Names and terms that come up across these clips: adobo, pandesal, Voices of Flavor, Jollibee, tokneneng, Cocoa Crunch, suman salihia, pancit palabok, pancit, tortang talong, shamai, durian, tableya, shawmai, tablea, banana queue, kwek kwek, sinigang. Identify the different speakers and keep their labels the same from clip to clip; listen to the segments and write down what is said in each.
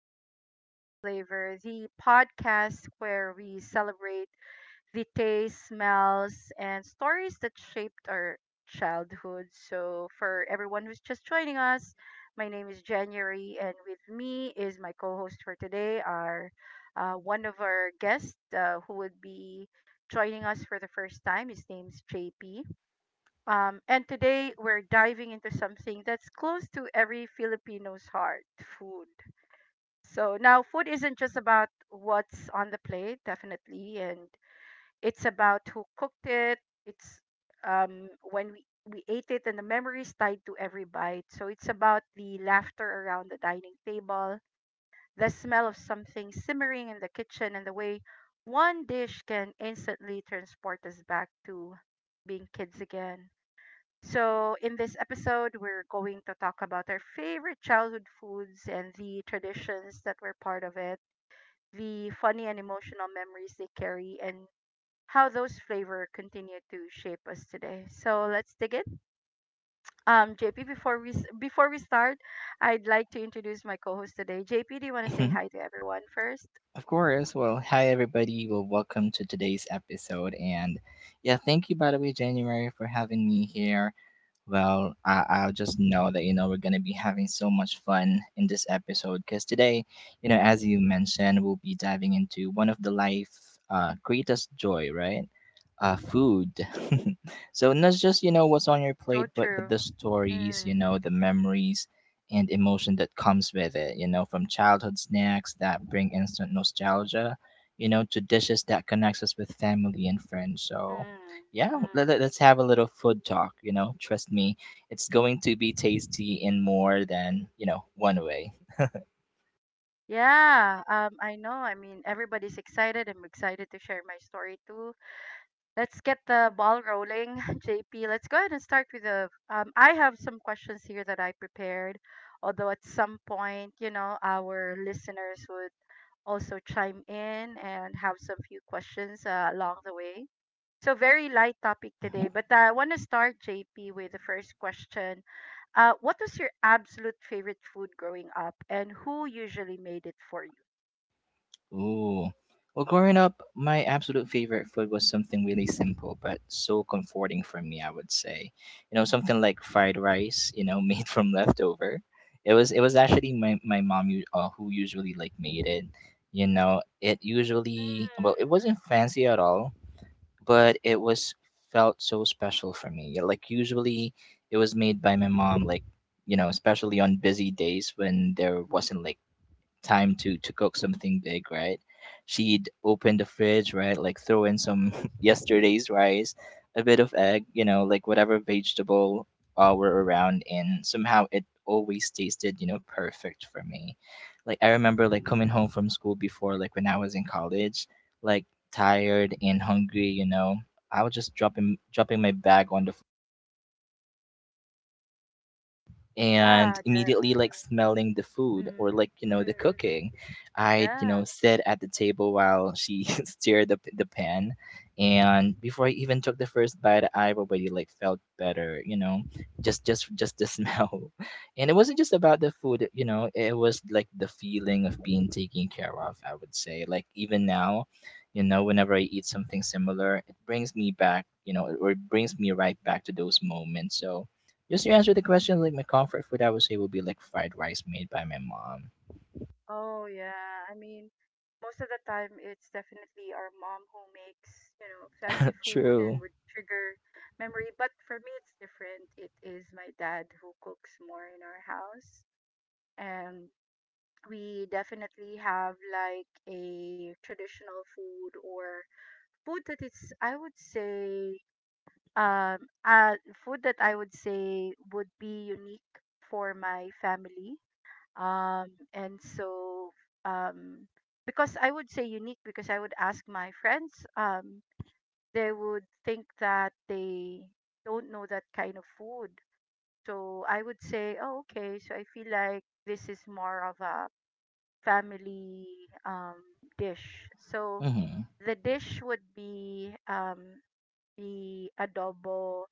Speaker 1: of Voices of Flavor, the podcast where we celebrate the tastes, smells, and stories that shaped our childhood. So, for everyone who's just joining us, my name is January, and with me is my co host for today, our one of our guests who would be joining us for the first time. His name's JP. And today we're diving into something that's close to every Filipino's heart food. So now, food isn't just about what's on the plate, definitely, and it's about who cooked it. It's when we ate it and the memories tied to every bite. So it's about the laughter around the dining table, the smell of something simmering in the kitchen, and the way one dish can instantly transport us back to being kids again. So, in this episode, we're going to talk about our favorite childhood foods and the traditions that were part of it, the funny and emotional memories they carry, and how those flavor continue to shape us today. So, let's dig in. JP, before we start, I'd like to introduce my co-host today. JP, do you want to say
Speaker 2: Mhm.
Speaker 1: hi to everyone first?
Speaker 2: Of course. Well, hi everybody. Well, welcome to today's episode, and yeah, thank you by the way, January, for having me here. Well, I just know that, you know, we're going to be having so much fun in this episode because today, you know, as you mentioned, we'll be diving into one of the life greatest joy, right? Food. So not just, you know, what's on your
Speaker 1: So
Speaker 2: plate, but
Speaker 1: true.
Speaker 2: the stories, you
Speaker 1: Mm,
Speaker 2: know, the memories and emotion that comes with it, you know, from childhood snacks that bring instant nostalgia, you know, to dishes that connects us with family and friends. So,
Speaker 1: mm,
Speaker 2: yeah, let,
Speaker 1: mm.
Speaker 2: let- let's have a little food talk. You know, trust me, it's going to be tasty in more than one way.
Speaker 1: Yeah, I know. I mean, everybody's excited. I'm excited to share my story too. Let's get the ball rolling, JP. Let's go ahead and start with the. I have some questions here that I prepared, although at some point, you know, our listeners would also chime in and have some few questions along the way. So, very light topic
Speaker 2: Hmm.
Speaker 1: today, but I want to start, JP, with the first question. What was your absolute favorite food growing up, and who usually made it for you?
Speaker 2: Ooh, well, growing up, my absolute favorite food was something really simple but so comforting for me. I would say, you know, something like fried rice, you know, made from leftover. It was actually my mom who usually like made it. You know, it usually, well, it
Speaker 1: Mm.
Speaker 2: wasn't fancy at all, but it was felt so special for me. Yeah, like usually it was made by my mom, like, you know, especially on busy days when there wasn't like time to cook something big, right? She'd open the fridge, right? Like throw in some yesterday's rice, a bit of egg, you know, like whatever vegetable were around, and somehow it always tasted, you know, perfect for me. Like I remember like coming home from school before, like when I was in college, like tired and hungry, you know. I was just dropping my bag on the,
Speaker 1: Yeah,
Speaker 2: and immediately like
Speaker 1: the,
Speaker 2: smelling the
Speaker 1: mm,
Speaker 2: food
Speaker 1: mm,
Speaker 2: or, like, you
Speaker 1: mhm, mhm.
Speaker 2: know, the cooking. I,
Speaker 1: Yeah.
Speaker 2: sit at the table while she stirred the pan, and before I even took the first bite, I already like felt better, you know, just the smell. And it wasn't just about the food, you know. It was like the feeling of being taken care of, I would say. Like, even now, you know, whenever I eat something similar, it brings me back, you know, or it brings me right back to those moments. So just to answer the question, like, my comfort food, I would say would be like fried rice made by my mom.
Speaker 1: Oh yeah, I mean, most of the time it's definitely our mom who makes, you know, fancy food
Speaker 2: True.
Speaker 1: and would trigger memory. But for me, it's different. It is my dad who cooks more in our house, and we definitely have like a traditional food or food that it's, I would say, food that I would say would be unique for my family, and so um because I would say unique because I would ask my friends, they would think that they don't know that kind of food. So I would say, oh, okay, so I feel like this is more of a family um dish. So
Speaker 2: Mm-hmm.
Speaker 1: the dish would be the adobo.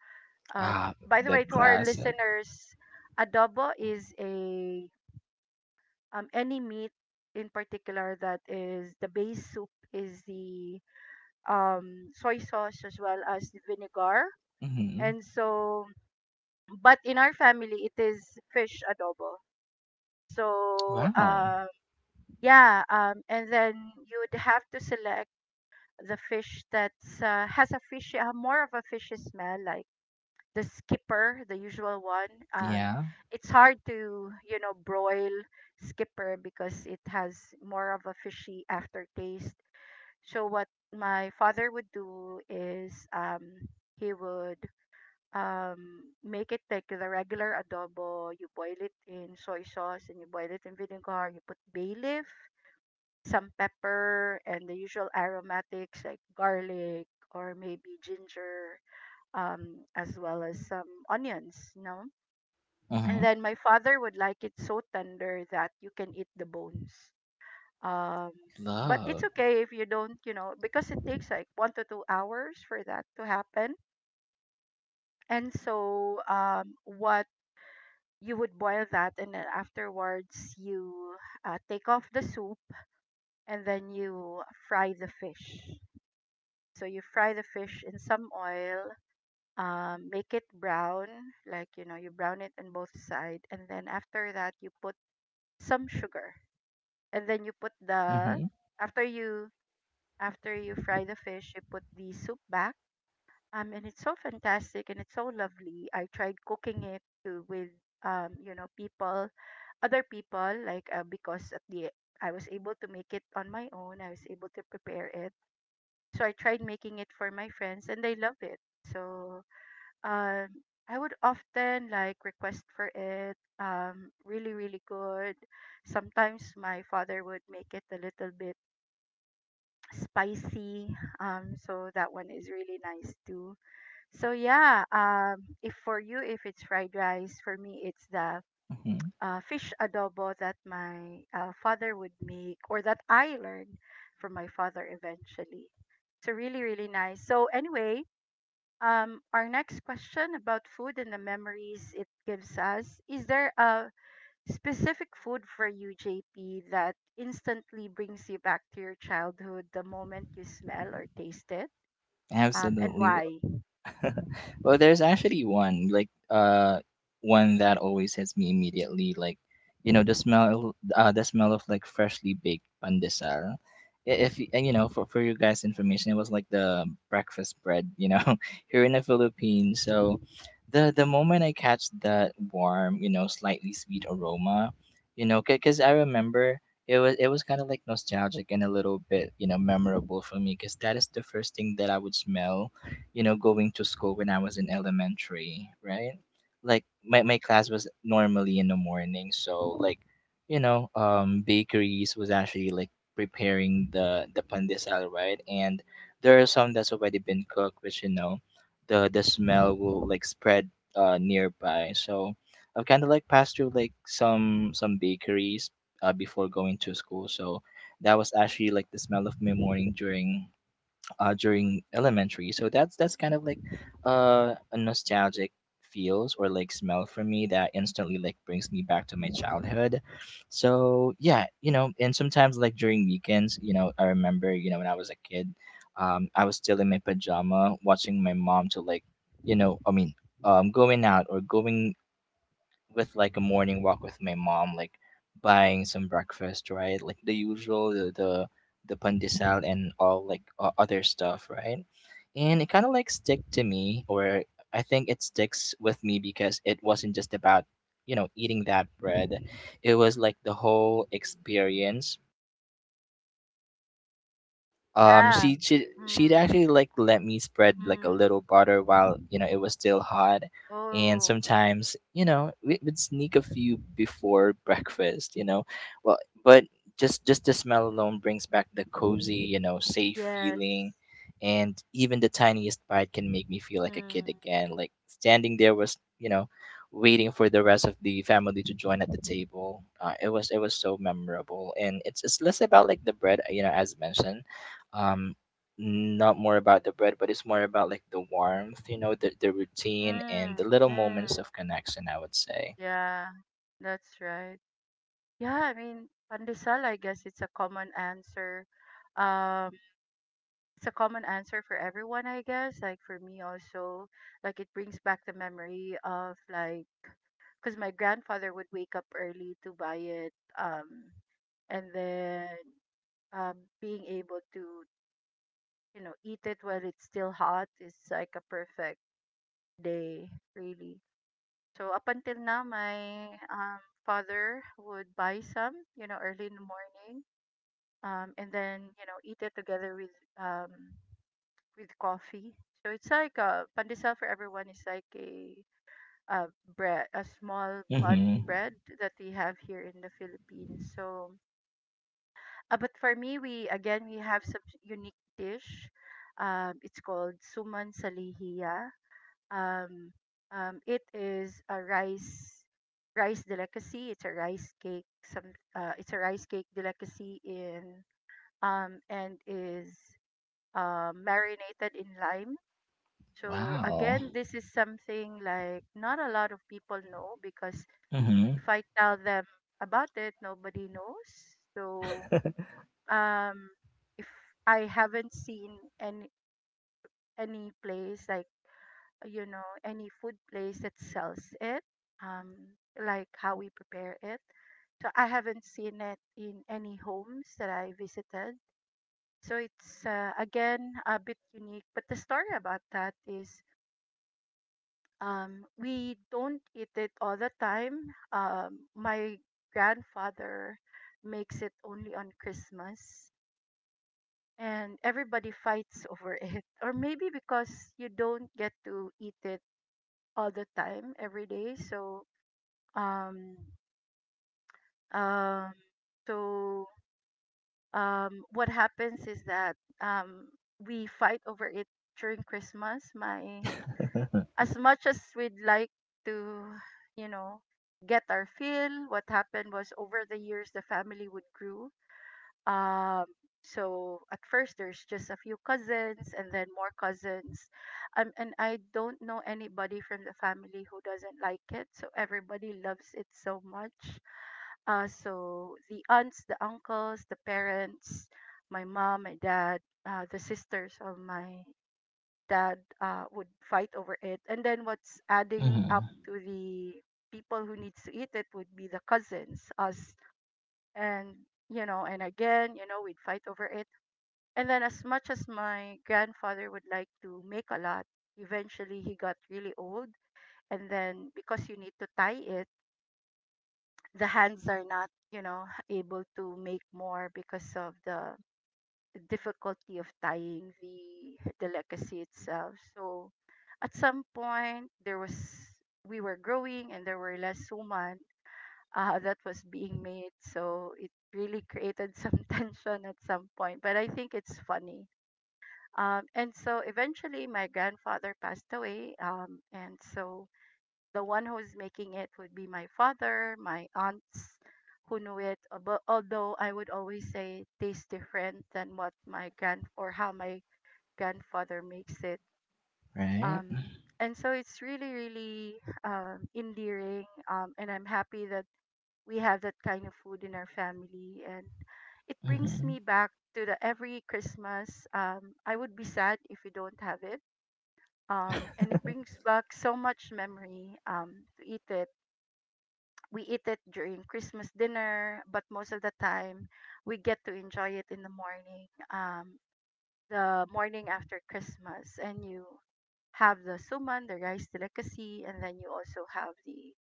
Speaker 2: Ah,
Speaker 1: By the
Speaker 2: the
Speaker 1: way, to our
Speaker 2: classic.
Speaker 1: listeners, adobo is a, any meat in particular, that is the base soup is the soy sauce as well as the vinegar.
Speaker 2: Mm-hmm.
Speaker 1: And so, but in our family, it is fish adobo. So,
Speaker 2: Wow.
Speaker 1: uh, yeah, and then you would have to select the fish that's has a fishy, more of a fishy smell, like the skipper, the usual one.
Speaker 2: Yeah.
Speaker 1: It's hard to you know broil skipper because it has more of a fishy aftertaste. So what my father would do is, he would make it like the regular adobo. You boil it in soy sauce and you boil it in vinegar. You put bay leaf, some pepper, and the usual aromatics like garlic or maybe ginger, as well as some onions, you know. And
Speaker 2: Mm-hmm.
Speaker 1: then my father would like it so tender that you can eat the bones. Um, but it's
Speaker 2: Love.
Speaker 1: okay if you don't, you know, because it takes like one to two hours for that to happen. And so, what You would boil that, and then afterwards you take off the soup, and then you fry the fish. So you fry the fish in some oil, make it brown, like you know, you brown it on both side, and then after that you put some sugar, and then you put
Speaker 2: Mm-hmm.
Speaker 1: the after you after you fry the fish, you put the soup back. And it's so fantastic and it's so lovely. I tried cooking it to, with you know, people, other people, like because at the I was able to make it on my own. I was able to prepare it, so I tried making it for my friends, and they love it. So um I would often like request for it, really really good. Sometimes my father would make it a little bit spicy, so that one is really nice too. So yeah, if for you if it's fried rice, for me it's the
Speaker 2: Mm-hmm.
Speaker 1: fish adobo that my father would make or that I learned from my father eventually. So really really nice. So anyway, our next question about food and the memories it gives us. Is there a specific food for you, JP, that instantly brings you back to your childhood the moment you smell or taste it? And
Speaker 2: Absolutely.
Speaker 1: why?
Speaker 2: Well, there's actually one that always hits me immediately. Like, you know, the smell of, like, freshly baked pandesal. I- If y- and, you know, for you guys' information, it was like the breakfast bread. You know, here in the Philippines, so the moment I catch that warm, you know, slightly sweet aroma, you know, because I remember. It was kind of like nostalgic and a little bit, you know, memorable for me because that is the first thing that I would smell, you know, going to school when I was in elementary, right? Like, my class was normally in the morning, so, like, you know, bakeries was actually like preparing the pandesal, right? And there are some that's already been cooked, which, you know, the smell will like spread nearby. So I've kind of like passed through like some bakeries before going to school, so that was actually like the smell of my morning during during elementary. So that's kind of like a nostalgic feels or like smell for me that instantly like brings me back to my childhood. So yeah, you know, and sometimes like during weekends, you know, I remember, you know, when I was a kid, I was still in my pajama watching my mom to, like, you know, I mean, going out or going with, like, a morning walk with my mom, like buying some breakfast, right? Like the usual, the pandesal and all, like, other stuff, right? And it kind of like stick to me, or I think it sticks with me because it wasn't just about, you know, eating that bread; it was like the whole experience. um
Speaker 1: Yeah.
Speaker 2: she she she'd
Speaker 1: Mm,
Speaker 2: actually like let me spread like a
Speaker 1: mm.
Speaker 2: little butter while, you know, it was still hot, and
Speaker 1: Oh,
Speaker 2: sometimes, you know, we would sneak a few before breakfast, you know, well, but just the smell alone brings back the cozy, you know, safe
Speaker 1: yes.
Speaker 2: feeling, and even the tiniest bite can make me feel like a
Speaker 1: Mm,
Speaker 2: kid again, like standing there was, you know, waiting for the rest of the family to join at the table. It was so memorable, and it's less about, like, the bread, you know, as mentioned, um not more about the bread, but it's more about, like, the warmth, you know, the routine and the
Speaker 1: mm,
Speaker 2: little
Speaker 1: mm.
Speaker 2: moments of connection, I would say.
Speaker 1: Yeah, that's right. Yeah, I mean, pandesal, I guess it's a common answer. It's a common answer for everyone, I guess. Like for me also, like it brings back the memory of like because my grandfather would wake up early to buy it, and then um, being able to you know eat it while it's still hot is like a perfect day, really. So up until now, my father would buy some, you know, early in the morning, and then you know eat it together um, with coffee. So it's like a pandesal for everyone is like a uh, bread, a small bun
Speaker 2: Mm-hmm.
Speaker 1: bread that we have here in the Philippines. So, but for me, we again we have some unique dish. It's called suman salihia. Um, it is a rice delicacy. It's a rice cake. Some It's a rice cake delicacy in and is marinated in lime. So
Speaker 2: Wow.
Speaker 1: again, this is something like not a lot of people know because
Speaker 2: Mm-hmm.
Speaker 1: if I tell them about it, nobody knows. So um, if I haven't seen any place like you know any food place that sells it, like how we prepare it. So I haven't seen it in any homes that I visited. So it's, again, a bit unique. But the story about that is, we don't eat it all the time. My grandfather makes it only on Christmas, and everybody fights over it. Or maybe because you don't get to eat it all the time every day. Um, um, so what happens is that, we fight over it during Christmas. My, as much as we'd like to, you know, get our fill, what happened was over the years the family would grow. Um, so at first there's just a few cousins and then more cousins. And I don't know anybody from the family who doesn't like it. So everybody loves it so much. So the aunts, the uncles, the parents, my mom, my dad, the sisters of my dad would fight over it. And then what's adding up
Speaker 2: Mm-hmm.
Speaker 1: to the people who needs to eat it would be the cousins, us. And, you know, and again, you know, we'd fight over it. And then as much as my grandfather would like to make a lot, eventually he got really old. And then because you need to tie it, the hands are not, you know, able to make more because of the difficulty of tying the the legacy itself. So at some point there was We were growing and there were less women that was being made. So it really created some tension at some point. But I think it's funny. And so eventually my grandfather passed away. And so the one who's making it would be my father, my aunts who knew it. But although I would always say it tastes different than what my grand or how my grandfather makes it.
Speaker 2: Right.
Speaker 1: And so it's really, really endearing. And I'm happy that we have that kind of food in our family. And it brings me
Speaker 2: Mm-hmm.
Speaker 1: back to the every Christmas. I would be sad if we don't have it. And it brings back so much memory, to eat it, we eat it during Christmas dinner, but most of the time we get to enjoy it in the morning after Christmas. And you have the suman, the rice delicacy, and then you also have the,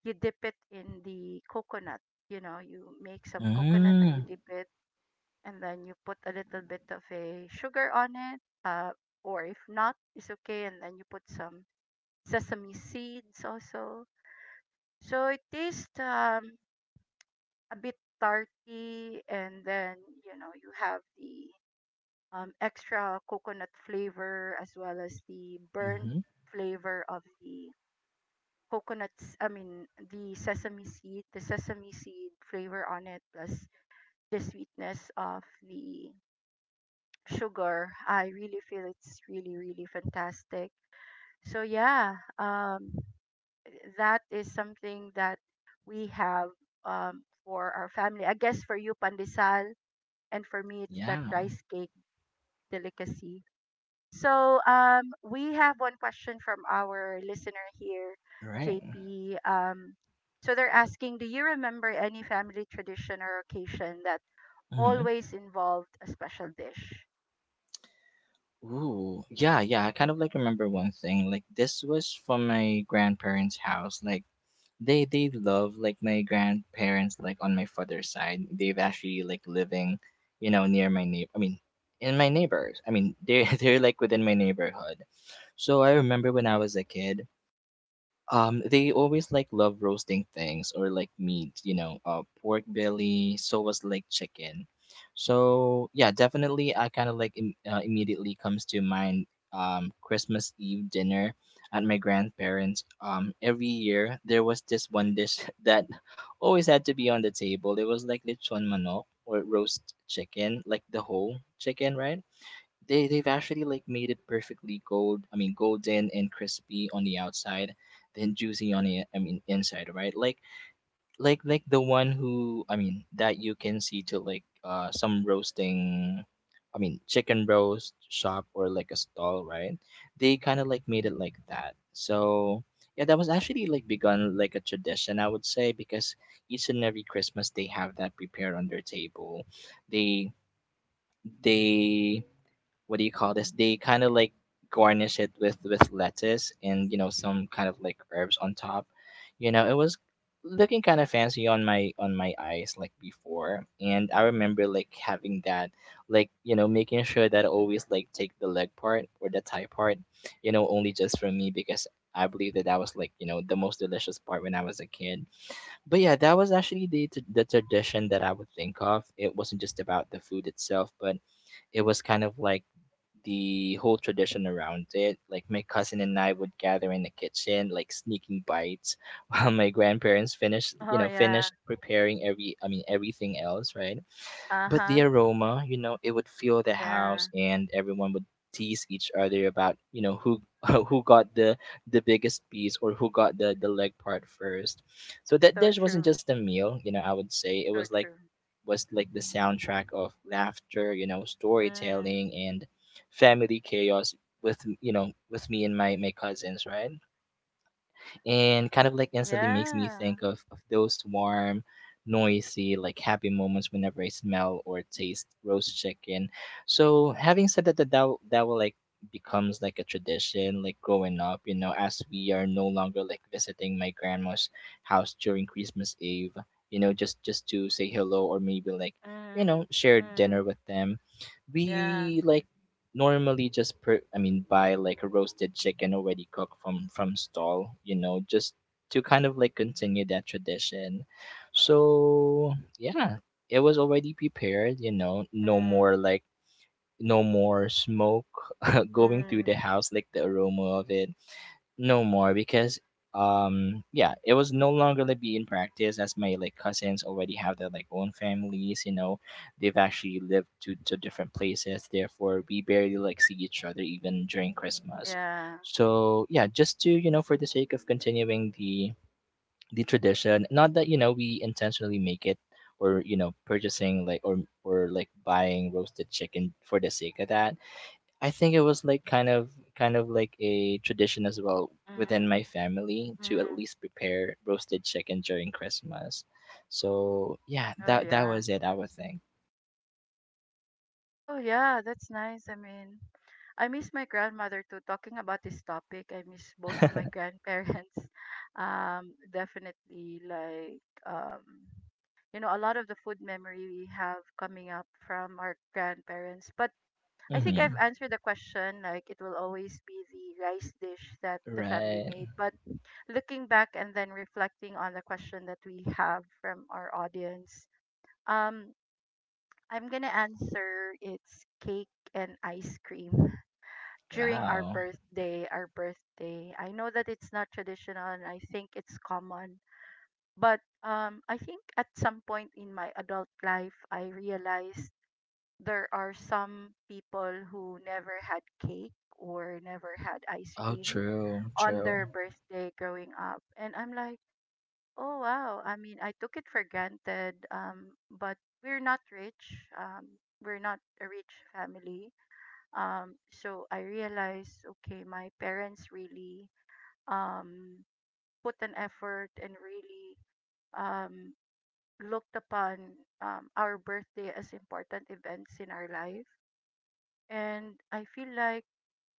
Speaker 1: you dip it in the coconut. You know, you make some coconut and you
Speaker 2: Mm-hmm,
Speaker 1: dip it, and then you put a little bit of a sugar on it, or if not, it's okay. And then you put some sesame seeds also. So it tastes a bit tarty, and then you have the extra coconut flavor as well as the burnt
Speaker 2: mm-hmm.
Speaker 1: flavor of the coconuts I mean the sesame seed flavor on it, plus the sweetness of the sugar. I really feel it's really fantastic. So yeah, that is something that we have, for our family. I guess for you, pandesal, and for me, it's that
Speaker 2: Yeah.
Speaker 1: rice cake delicacy. So we have one question from our listener here,
Speaker 2: Right.
Speaker 1: JP. So they're asking, do you remember any family tradition or occasion that
Speaker 2: Mm-hmm.
Speaker 1: always involved a special dish?
Speaker 2: Ooh, yeah, yeah. I kind of like remember one thing. Like this was from my grandparents' house. Like, they love, like, my grandparents, like, on my father's side, they've actually like living, you know, near my neighbor, I mean in my neighbors, I mean they're they're like within my neighborhood. So I remember when I was a kid, they always like love roasting things or like meat, you know, pork belly, so was like chicken. So yeah, definitely, I kind of like immediately comes to mind, Christmas Eve dinner at my grandparents. Every year there was this one dish that always had to be on the table. It was like lechon manok or roast chicken, like the whole chicken, right? They've actually like made it perfectly gold, I mean golden and crispy on the outside, then juicy on the, I mean, inside, right, like like the one who, I mean, that you can see to, like, some roasting, I mean chicken roast shop or like a stall, right. They kind of like made it like that. So yeah, that was actually like begun like a tradition, I would say, because each and every Christmas they have that prepared on their table. They they What do you call this? They kind of like garnish it with lettuce and, you know, some kind of like herbs on top. You know, it was looking kind of fancy on my eyes, like, before, and I remember like having that, like, you know, making sure that I always like take the leg part or the thigh part, you know, only just for me because. I believe that that was, like, you know, the most delicious part when I was a kid. But yeah, that was actually the tradition that I would think of. It wasn't just about the food itself, but it was kind of like the whole tradition around it. Like, my cousin and I would gather in the kitchen, like sneaking bites, while my grandparents finished, you
Speaker 1: Oh
Speaker 2: know,
Speaker 1: yeah.
Speaker 2: finished preparing every, I mean, everything else, right? But the
Speaker 1: Uh-huh.
Speaker 2: aroma, you know, it would fill the house,
Speaker 1: Yeah.
Speaker 2: and everyone would tease each other about, you know, who who got the biggest piece or who got the leg part first. So that
Speaker 1: So
Speaker 2: dish wasn't
Speaker 1: true.
Speaker 2: just a meal, you know. I would say it
Speaker 1: So
Speaker 2: was like
Speaker 1: true.
Speaker 2: was like the soundtrack of laughter, you know,
Speaker 1: Mm.
Speaker 2: storytelling and family chaos, with, you know, with me and my cousins, right, and kind of like instantly makes me
Speaker 1: Yeah.
Speaker 2: think of those warm, noisy, like, happy moments whenever I smell or taste roast chicken. So, having said that, that will, like, becomes like a tradition, like growing up, you know, as we are no longer like visiting my grandma's house during Christmas Eve, you know, just to say hello or maybe, like, you
Speaker 1: Mm.
Speaker 2: know, share dinner
Speaker 1: Mm.
Speaker 2: with them.
Speaker 1: Yeah.
Speaker 2: We, like, normally just per I mean buy like a roasted chicken already cooked from stall, you know, just to kind of like continue that tradition. So yeah, it was already prepared, you know, no more
Speaker 1: Mm.
Speaker 2: like, no more smoke going through the
Speaker 1: Mm.
Speaker 2: house like the aroma of it no more because yeah, it was no longer like being practiced as my like cousins already have their like own families, you know, they've actually lived to different places, therefore we barely like see each other even during Christmas.
Speaker 1: Yeah.
Speaker 2: So yeah, just to, you know, for the sake of continuing the tradition, not that you know we intentionally make it, or you know purchasing like, or like buying roasted chicken for the sake of that. I think it was like kind of like a tradition as well within my
Speaker 1: Mm.
Speaker 2: family to
Speaker 1: Mm.
Speaker 2: at least prepare roasted chicken during Christmas. So yeah,
Speaker 1: Oh
Speaker 2: that
Speaker 1: yeah.
Speaker 2: was it, I would think.
Speaker 1: Oh yeah, that's nice. I mean, I miss my grandmother too. Talking about this topic, I miss both of my grandparents. Definitely, um, you know, a lot of the food memory we have coming up from our grandparents. But I think
Speaker 2: Mm-hmm.
Speaker 1: I've answered the question. Like, it will always be the rice dish that the family
Speaker 2: Right.
Speaker 1: made. But looking back and then reflecting on the question that we have from our audience. Um, I'm gonna answer it's cake and ice cream during our
Speaker 2: Wow.
Speaker 1: birthday. Our birthday. I know that it's not traditional and I think it's common, but I think at some point in my adult life, I realized there are some people who never had cake or never had ice
Speaker 2: Oh,
Speaker 1: cream
Speaker 2: true,
Speaker 1: on
Speaker 2: true.
Speaker 1: their birthday growing up, and I'm like, oh wow. I mean, I took it for granted, but we're not rich. We're not a rich family. So I realized, okay, my parents really, um, put an effort, and really, um, looked upon, our birthday as important events in our life. And I feel like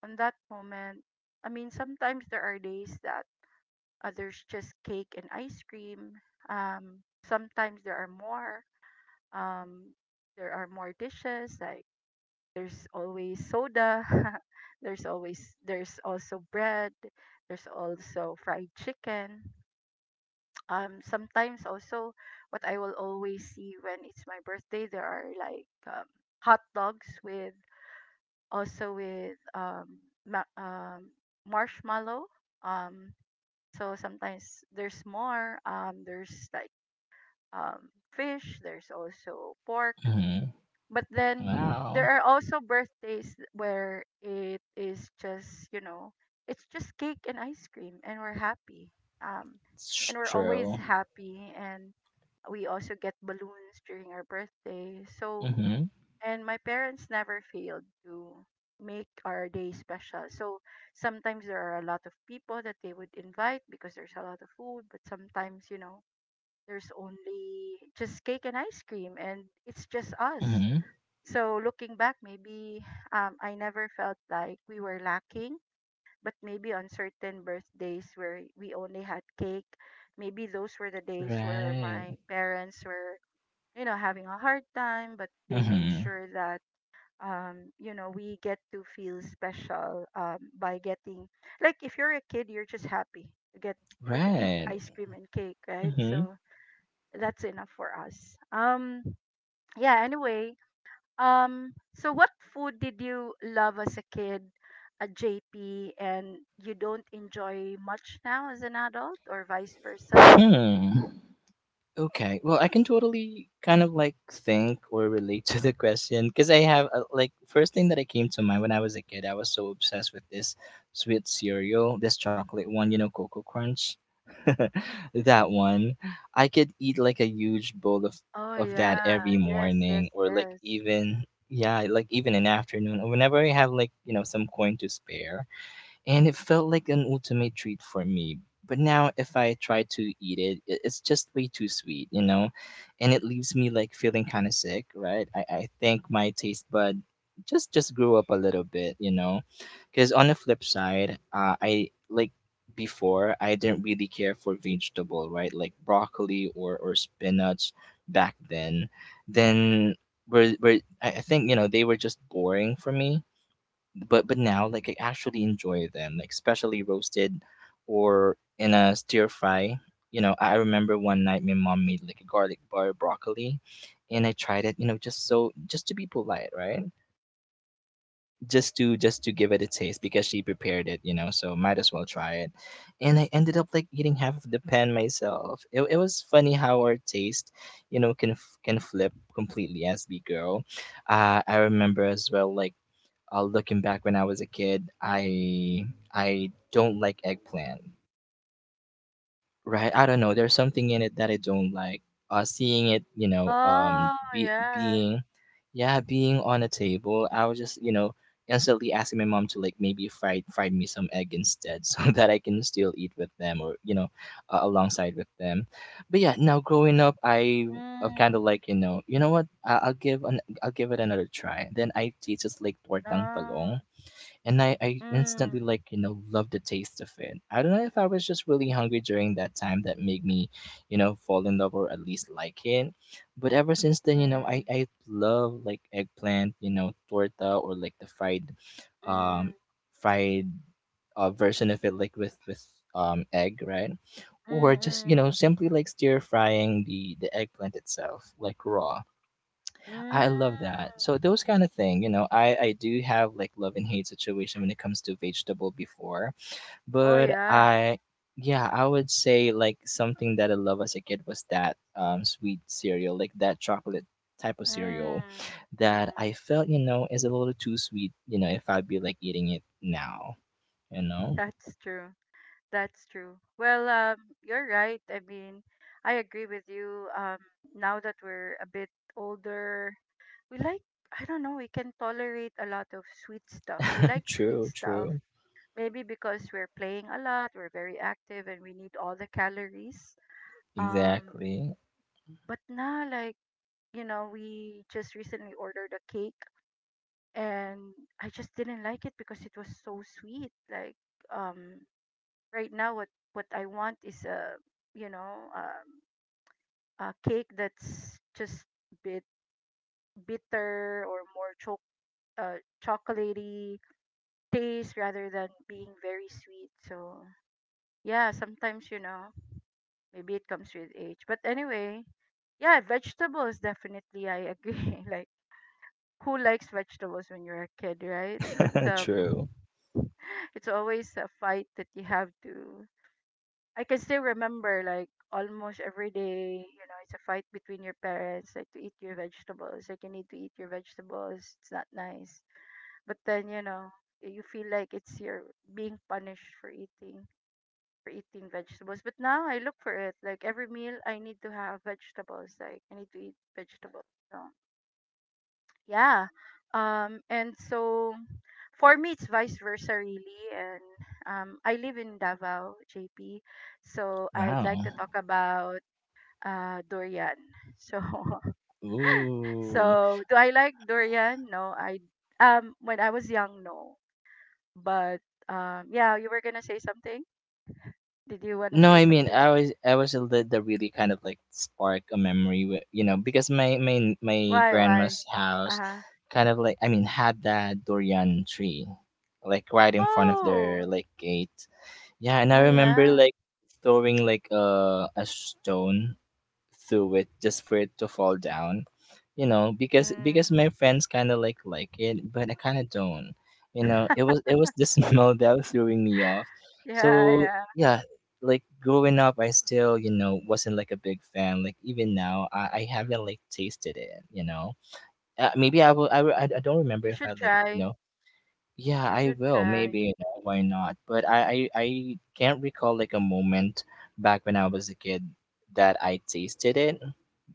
Speaker 1: on that moment, I mean, sometimes there are days that others just cake and ice cream. Sometimes there are more, um, there are more dishes like there's always soda. there's always there's also bread, there's also fried chicken, sometimes also what I will always see when it's my birthday, there are like hot dogs with also with ma- um marshmallow. um so sometimes there's more, there's like um fish, there's also pork.
Speaker 2: Mm-hmm.
Speaker 1: But then
Speaker 2: Wow.
Speaker 1: there are also birthdays where it is just, you know, it's just cake and ice cream, and we're happy. Um
Speaker 2: It's
Speaker 1: and we're
Speaker 2: true.
Speaker 1: always happy, and we also get balloons during our birthday. So
Speaker 2: Mm-hmm.
Speaker 1: and my parents never failed to make our day special. So sometimes there are a lot of people that they would invite because there's a lot of food, but sometimes, you know, there's only just cake and ice cream, and it's just us.
Speaker 2: Mm-hmm.
Speaker 1: So looking back, maybe I never felt like we were lacking, but maybe on certain birthdays where we only had cake, maybe those were the days where
Speaker 2: Right.
Speaker 1: my parents were, you know, having a hard time, but they made
Speaker 2: Mm-hmm.
Speaker 1: sure that you know, we get to feel special by getting, like, if you're a kid, you're just happy to get or to eat
Speaker 2: Right.
Speaker 1: ice cream and cake, right? So that's enough for us. Yeah, anyway, so what food did you love as a kid, a JP, and you don't enjoy much now as an adult, or vice versa?
Speaker 2: Mm-hmm. Hmm. Okay. Well, I can totally kind of like think or relate to the question because I have like, first thing that I came to mind, when I was a kid, I was so obsessed with this sweet cereal, this chocolate one, you know, Cocoa Crunch. That one. I could eat like a huge bowl of
Speaker 1: Oh
Speaker 2: of that
Speaker 1: yeah,
Speaker 2: every
Speaker 1: yes,
Speaker 2: morning,
Speaker 1: yes,
Speaker 2: or like
Speaker 1: yes.
Speaker 2: even, yeah, like even an afternoon, or whenever I have like, you know, some coin to spare, and it felt like an ultimate treat for me. But now, if I try to eat it, it's just way too sweet, you know, and it leaves me like feeling kind of sick, right? I think my taste bud just grew up a little bit, you know, because on the flip side, I like before, I didn't really care for vegetable, right? Like broccoli or spinach back then. Then were I think, you know, they were just boring for me, but now like, I actually enjoy them, like especially roasted or in a stir fry. You know, I remember one night my mom made like a garlic bar broccoli, and I tried it, you know, just to be polite, right? Just to give it a taste, because she prepared it, you know, so might as well try it. And I ended up like eating half of the pan myself. It was funny how our taste, you know, can flip completely as we grow. I remember as well, like, looking back, when I was a kid, I don't like eggplant. Right? I don't know, there's something in it that I don't like. Seeing it, you know,
Speaker 1: Oh yeah.
Speaker 2: yeah, being on a table, I was just, you know, instantly asking my mom to like maybe fry me some egg instead, so that I can still eat with them, or you know, alongside with them. But yeah, now growing up, I've
Speaker 1: Mm,
Speaker 2: kind of like, you know what? I'll give it another try. Then I tasted like tortang
Speaker 1: no.
Speaker 2: talong, and I
Speaker 1: Mm,
Speaker 2: instantly like, you know, love the taste of it. I don't know if I was just really hungry during that time that made me, you know, fall in love, or at least like it. But ever since then, you know, I,
Speaker 1: mm,
Speaker 2: I love like eggplant, you know, torta, or like the um
Speaker 1: mm,
Speaker 2: fried version of it, like with egg, right?
Speaker 1: mm,
Speaker 2: Or just, you
Speaker 1: mm,
Speaker 2: know, simply like stir frying the eggplant itself, like raw.
Speaker 1: mm.
Speaker 2: I love that. So those kind of thing, you know, I do have like love and hate situation when it comes to vegetable before,
Speaker 1: Oh
Speaker 2: but
Speaker 1: yeah.
Speaker 2: I would say like something that I love as a kid was that sweet cereal, like that chocolate type of cereal
Speaker 1: Mm,
Speaker 2: that
Speaker 1: mm.
Speaker 2: I felt, you know, is a little too sweet, you know, if I'd be like eating it now, you know?
Speaker 1: That's true. That's true. Well, you're right. I mean, I agree with you. Now that we're a bit older, we like, I don't know, we can tolerate a lot of sweet stuff. We like sweet
Speaker 2: True,
Speaker 1: stuff.
Speaker 2: true.
Speaker 1: Maybe because we're playing a lot, we're very active, and we need all the calories. Um,
Speaker 2: Exactly.
Speaker 1: but now, like, you know, we just recently ordered a cake, and I just didn't like it because it was so sweet. Like, um, right now what I want is a, you know, a cake that's just bit bitter, or more chocolatey taste rather than being very sweet. So yeah, sometimes, you know, maybe it comes with age. But anyway, yeah, vegetables, definitely I agree. Like, who likes vegetables when you're a kid, right? But
Speaker 2: True.
Speaker 1: it's always a fight that you have to, I can still remember like almost every day, you know, it's a fight between your parents, like to eat your vegetables, like you need to eat your vegetables, it's not nice. But then, you know, you feel like it's your being punished for eating vegetables. But now I look for it. Like every meal I need to have vegetables. Like I need to eat vegetables. So yeah. And so for me, it's vice versa, really. And I live in Davao, JP. So I'd like to
Speaker 2: Wow.
Speaker 1: talk about durian. So,
Speaker 2: Ooh.
Speaker 1: so do I like durian? No, I when I was young, no. But yeah, you were gonna say something. Did you wanna
Speaker 2: No,
Speaker 1: say
Speaker 2: I mean,
Speaker 1: something?
Speaker 2: I was a lid that really kind of like spark a memory with, you know, because my
Speaker 1: Why? Why?
Speaker 2: grandma's
Speaker 1: Uh
Speaker 2: house
Speaker 1: huh.
Speaker 2: kind of like, I mean, had that durian tree like right in front of their
Speaker 1: Oh,
Speaker 2: like gate. Yeah, and I
Speaker 1: oh
Speaker 2: remember
Speaker 1: yeah.
Speaker 2: like throwing like a stone through it just for it to fall down, you know, because my
Speaker 1: Mm.
Speaker 2: friends kind of like it, but I kind of don't, you know. It was the smell that was throwing me off. So
Speaker 1: Yeah, yeah.
Speaker 2: yeah, like growing up, I still, you know, wasn't like a big fan. Like even now, I haven't like tasted it, you know. Uh, maybe I don't remember
Speaker 1: You
Speaker 2: if I
Speaker 1: should
Speaker 2: like, you
Speaker 1: try.
Speaker 2: know, yeah,
Speaker 1: You
Speaker 2: I
Speaker 1: should
Speaker 2: will,
Speaker 1: try.
Speaker 2: maybe, you know, why not. But I can't recall like a moment back when I was a kid that I tasted it,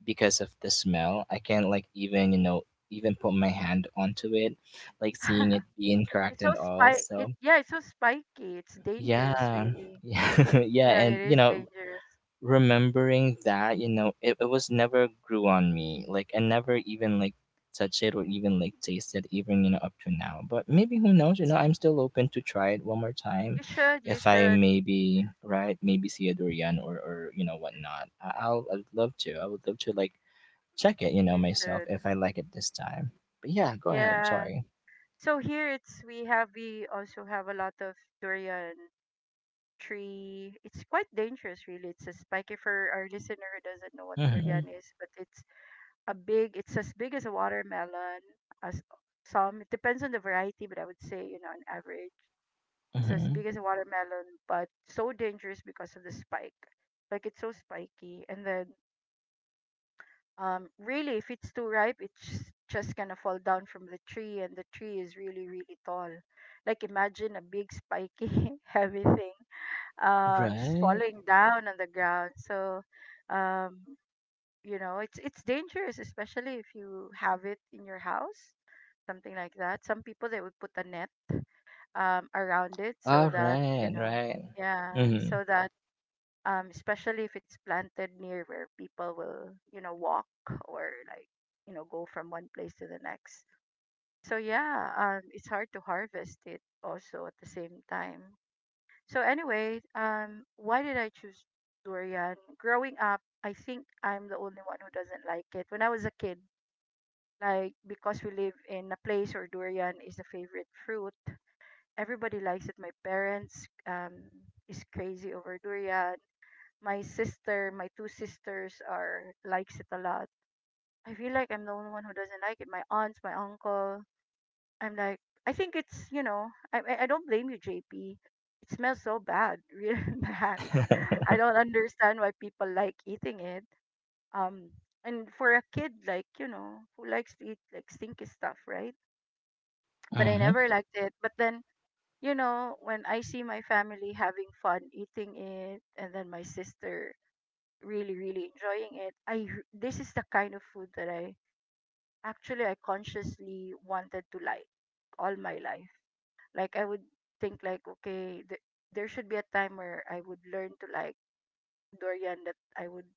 Speaker 2: because of the smell. I can't like even, you know, even put my hand onto it, like seeing it being
Speaker 1: It's
Speaker 2: cracked
Speaker 1: so
Speaker 2: and all.
Speaker 1: spy it
Speaker 2: So
Speaker 1: yeah, it's so spiky. It's dangerous
Speaker 2: yeah.
Speaker 1: really.
Speaker 2: Yeah, yeah.
Speaker 1: Yeah,
Speaker 2: And
Speaker 1: it
Speaker 2: you
Speaker 1: is
Speaker 2: know,
Speaker 1: dangerous.
Speaker 2: remembering that, you know, it was never grew on me. Like, I never even like touch it or even like taste it even, you know, up to now. But maybe who knows, you know, I'm still open to try it one more time.
Speaker 1: You should, you
Speaker 2: If I,
Speaker 1: should,
Speaker 2: maybe, right, maybe see a durian, or you know whatnot, I'd love to. I would love to like check it, you know,
Speaker 1: you
Speaker 2: myself,
Speaker 1: should.
Speaker 2: if I like it this time. But yeah, go ahead.
Speaker 1: Yeah.
Speaker 2: Sorry.
Speaker 1: So here it's we also have a lot of durian tree. It's quite dangerous really. It's a spiky for our listener who doesn't know what
Speaker 2: Mhm.
Speaker 1: durian is, but it's a big, it's as big as a watermelon as some. It depends on the variety, but I would say, you know, on average. So as
Speaker 2: Mhm.
Speaker 1: big as a watermelon, but so dangerous because of the spike. Like it's so spiky. And then really, if it's too ripe, it's just gonna fall down from the tree, and the tree is really, really tall. Like imagine a big spiky heavy thing just
Speaker 2: Right.
Speaker 1: falling down on the ground. So um you know, it's dangerous, especially if you have it in your house, something like that. Some people they would put a net around it, so
Speaker 2: All
Speaker 1: that you
Speaker 2: right.
Speaker 1: know,
Speaker 2: Right.
Speaker 1: yeah,
Speaker 2: Mhm.
Speaker 1: so that especially if it's planted near where people will, you know, walk or like, you know, go from one place to the next. So yeah, it's hard to harvest it also at the same time. So anyway, why did I choose durian? Growing up, I think I'm the only one who doesn't like it. When I was a kid, like because we live in a place where durian is the favorite fruit, everybody likes it. My parents is crazy over durian. My sister, my two sisters are likes it a lot. I feel like I'm the only one who doesn't like it. My aunts, my uncle. I'm like, I think it's, you know, I don't blame you, JP. It smells so bad, really bad. I don't understand why people like eating it. Um, and for a kid, like, you know, who likes to eat like stinky stuff, right? But I
Speaker 2: Mhm.
Speaker 1: never liked it. But then, you know, when I see my family having fun eating it, and then my sister really really enjoying it, I this is the kind of food that I consciously wanted to like all my life. Like I would think like, okay, there should be a time where I would learn to like durian, that I would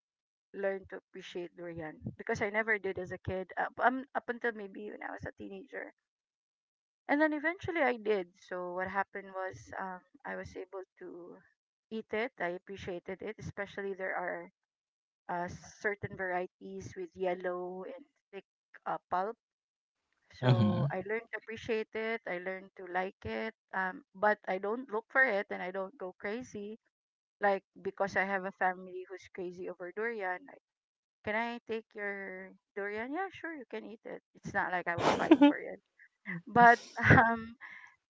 Speaker 1: learn to appreciate durian, because I never did as a kid up, up until maybe when I was a teenager, and then eventually I did. So what happened was, I was able to eat it. I appreciated it, especially there are uh, certain varieties with yellow and thick pulp. So
Speaker 2: Mhm.
Speaker 1: I learned to appreciate it. I learned to like it. But I don't look for it, and I don't go crazy. Like, because I have a family who's crazy over durian. Like, can I take your durian? Yeah, sure, you can eat it. It's not like I will fight for it. But um,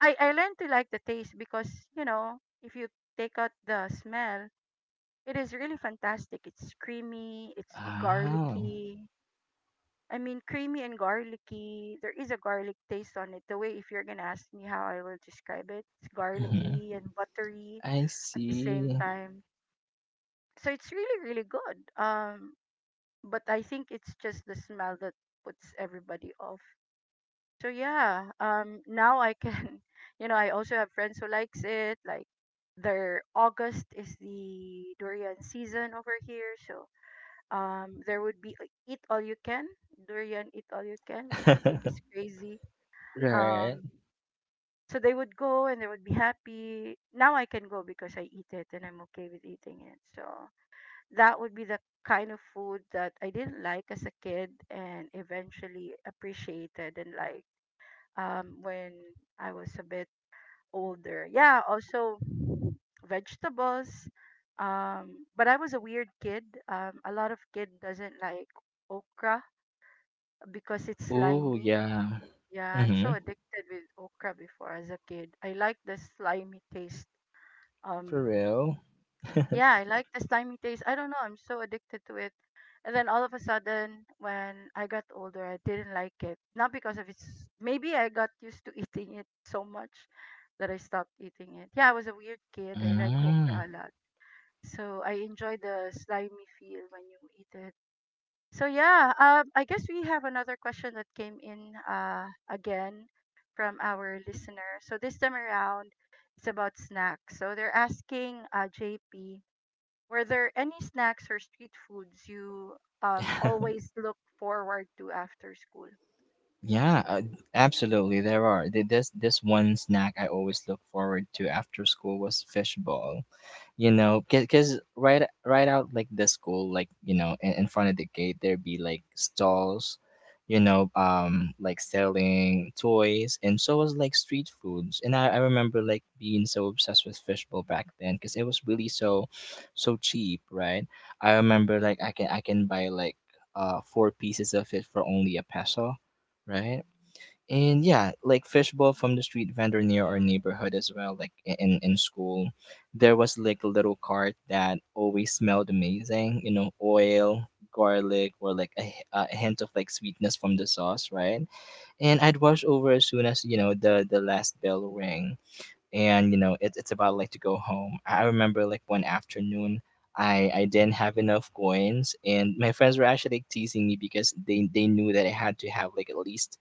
Speaker 1: I learned to like the taste, because, you know, if you take out the smell, it is really fantastic. It's creamy. It's
Speaker 2: Oh.
Speaker 1: garlicky. I mean, creamy and garlicky. There is a garlic taste on it. The way, if you're gonna ask me how I will describe it, it's
Speaker 2: Mhm.
Speaker 1: garlicky and buttery
Speaker 2: I
Speaker 1: at the same
Speaker 2: see.
Speaker 1: time. So it's really, really good. But I think it's just the smell that puts everybody off. So yeah, now I can, you know, I also have friends who likes it. Like, their August is the durian season over here, so there would be a- eat all you can, durian eat all you can, which I think is crazy.
Speaker 2: Right.
Speaker 1: Um, so they would go and they would be happy. Now I can go because I eat it and I'm okay with eating it. So that would be the kind of food that I didn't like as a kid and eventually appreciated and like when I was a bit older. Yeah, also vegetables. But I was a weird kid. A lot of kid doesn't like okra because it's
Speaker 2: Oh
Speaker 1: slimy.
Speaker 2: yeah.
Speaker 1: Yeah, I'm so
Speaker 2: Mhm.
Speaker 1: addicted with okra before as a kid. I like the slimy taste.
Speaker 2: For
Speaker 1: Um,
Speaker 2: real.
Speaker 1: yeah, I like the slimy taste. I don't know, I'm so addicted to it. And then all of a sudden, when I got older, I didn't like it. Not because of its, maybe I got used to eating it so much that I stopped eating it. Yeah, I was a weird kid. I like
Speaker 2: Mm.
Speaker 1: okra a lot. So I enjoy the slimy feel when you eat it. So yeah, I guess we have another question that came in again from our listener. So this time around, it's about snacks. So they're asking JP, were there any snacks or street foods you always look forward to after school?
Speaker 2: Yeah, absolutely. There are. This one snack I always look forward to after school was fishball. You know, because right out like the school, like, you know, in front of the gate, there'd be like stalls, you know, like selling toys and so was like street foods. And I remember like being so obsessed with fishbowl back then because it was really so cheap, right? I remember like I can buy like four pieces of it for only a peso, right? And yeah, like fishbowl from the street vendor near
Speaker 1: Mm,
Speaker 2: our neighborhood as well. Like, in school, there was like a little cart that always smelled amazing, you know, oil, garlic, or like a hint of like sweetness from the sauce, right? And I'd wash over as soon as, you know, the last bell rang and, you know, it's about like to go home. I remember like one afternoon, I didn't have enough coins, and my friends were actually like teasing me because they knew that I had to have like at least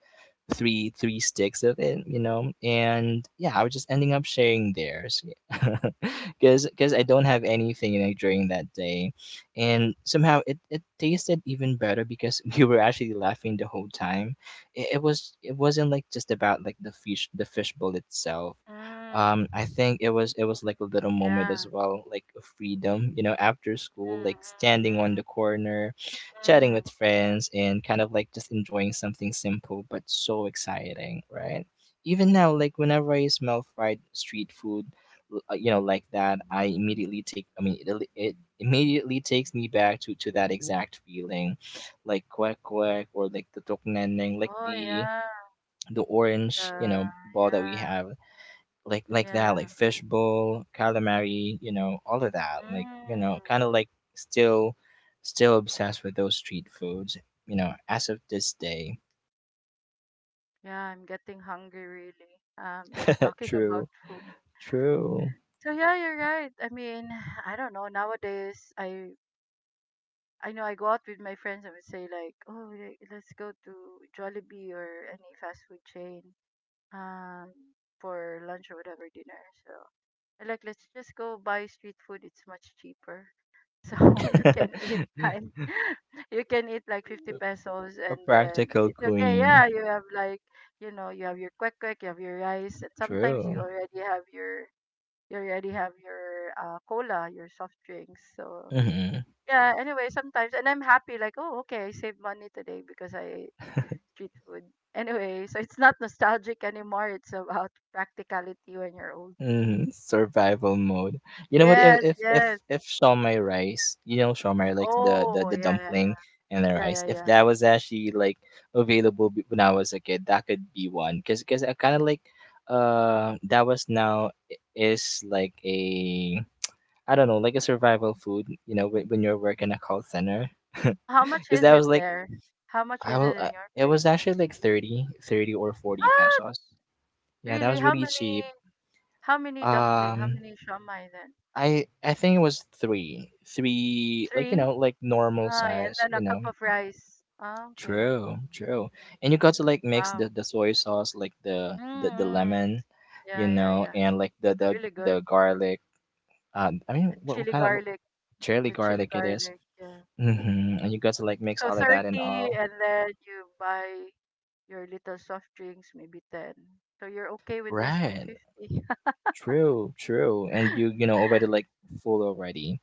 Speaker 2: three sticks of it, you know. And yeah, I was just ending up sharing theirs, because I don't have anything like during that day. And somehow it tasted even better because we were actually laughing the whole time. It wasn't like just about like the fishbowl itself.
Speaker 1: mm,
Speaker 2: I think it was like a little moment as
Speaker 1: yeah.
Speaker 2: well, like a freedom, you know, after school,
Speaker 1: Mm, mm,
Speaker 2: like standing on the corner,
Speaker 1: mm,
Speaker 2: chatting
Speaker 1: mm.
Speaker 2: with friends, and kind of like just enjoying something simple but so exciting, right? Even now, like, whenever I smell fried street food, you know, like that, I immediately take I mean, it immediately takes me back to that exact feeling. Like quack quack, or like the tokneneng, like
Speaker 1: Oh
Speaker 2: the
Speaker 1: yeah.
Speaker 2: the
Speaker 1: The,
Speaker 2: orange, you know, ball that we
Speaker 1: yeah.
Speaker 2: have, like that, like
Speaker 1: Yeah.
Speaker 2: fishbowl, calamari, you know, all of that, like, you
Speaker 1: Mm.
Speaker 2: know, kind of like, still still obsessed with those street foods, you know, as of this day.
Speaker 1: Yeah, I'm getting hungry really. Just talking about
Speaker 2: True,
Speaker 1: food.
Speaker 2: true.
Speaker 1: So yeah, you're right. I mean, I don't know. Nowadays, I know I go out with my friends and we say like, oh, let's go to Jollibee or any fast food chain um for lunch or whatever dinner. So I like let's just go buy street food. It's much cheaper. So you
Speaker 2: A
Speaker 1: can eat like you can eat like 50 pesos and then
Speaker 2: practical
Speaker 1: it's okay. Yeah,
Speaker 2: queen.
Speaker 1: you have like, you know, you have your kwek kwek, you have your rice, and sometimes you
Speaker 2: True.
Speaker 1: already have your you already have your cola, your soft drinks. So
Speaker 2: Hmm.
Speaker 1: yeah, anyway, sometimes and I'm happy like, oh, okay, I saved money today because I ate street food. Anyway, so it's not nostalgic anymore. It's about practicality when you're old.
Speaker 2: Mhm, survival mode. You know what? If
Speaker 1: Yes,
Speaker 2: if if
Speaker 1: yes.
Speaker 2: if shawmai rice, you know, shawmai, like the the
Speaker 1: Oh,
Speaker 2: the
Speaker 1: yeah, yeah,
Speaker 2: dumpling
Speaker 1: yeah.
Speaker 2: and the rice.
Speaker 1: Yeah, yeah,
Speaker 2: If
Speaker 1: yeah.
Speaker 2: that was actually like available, when I was a kid, that could be one. 'Cause I kind of like, that was now, is like a, I don't know, like a survival food. You know, when you're working a call center,
Speaker 1: Oh, how much
Speaker 2: because
Speaker 1: is
Speaker 2: that
Speaker 1: it
Speaker 2: was like,
Speaker 1: there? How much
Speaker 2: I
Speaker 1: is
Speaker 2: will.
Speaker 1: it in your
Speaker 2: It
Speaker 1: place?
Speaker 2: was actually like 30, 30 or 40
Speaker 1: What?
Speaker 2: pesos. Yeah, that
Speaker 1: Really?
Speaker 2: was really cheap.
Speaker 1: How many dumpling? How
Speaker 2: Um.
Speaker 1: many shamai then?
Speaker 2: I think it was three, like, you
Speaker 1: Three?
Speaker 2: know, like normal
Speaker 1: Ah, yeah, and
Speaker 2: size,
Speaker 1: then a
Speaker 2: you
Speaker 1: cup
Speaker 2: know.
Speaker 1: of rice. Ah, okay.
Speaker 2: True, true. And you got to like mix the,
Speaker 1: Wow.
Speaker 2: the soy sauce, like the
Speaker 1: Mm-hmm.
Speaker 2: lemon, you
Speaker 1: Yeah, yeah,
Speaker 2: know,
Speaker 1: yeah.
Speaker 2: and like the the
Speaker 1: Really good.
Speaker 2: the garlic. I mean,
Speaker 1: And
Speaker 2: what
Speaker 1: chili
Speaker 2: kind of
Speaker 1: garlic.
Speaker 2: cherry
Speaker 1: The chili
Speaker 2: garlic it is?
Speaker 1: garlic. Yeah.
Speaker 2: Mm-hmm. And you got to like mix
Speaker 1: So
Speaker 2: all of that and all.
Speaker 1: 30 and then you buy your little soft drinks, maybe 10. So you're okay with less than
Speaker 2: Right.
Speaker 1: 50.
Speaker 2: True, true. And you know already like full already.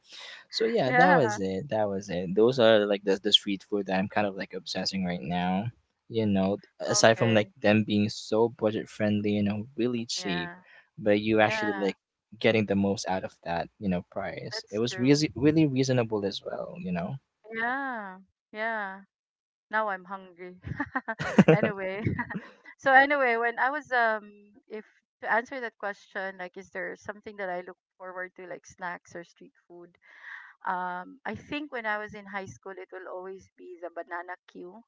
Speaker 2: So yeah, that
Speaker 1: Yeah.
Speaker 2: was it. That was it. Those are like the street food that I'm kind of like obsessing right now. You know, aside from like
Speaker 1: Okay.
Speaker 2: them being so budget friendly and, really cheap,
Speaker 1: Yeah.
Speaker 2: but you actually
Speaker 1: Yeah.
Speaker 2: like getting the most out of that, you know, price. It
Speaker 1: That's
Speaker 2: was
Speaker 1: true.
Speaker 2: really really reasonable as well, you know.
Speaker 1: Yeah, yeah. Now I'm hungry. Anyway, so anyway, when I was if to answer that question, like, is there something that I look forward to, like snacks or street food? I think when I was in high school, it will always be the banana queue.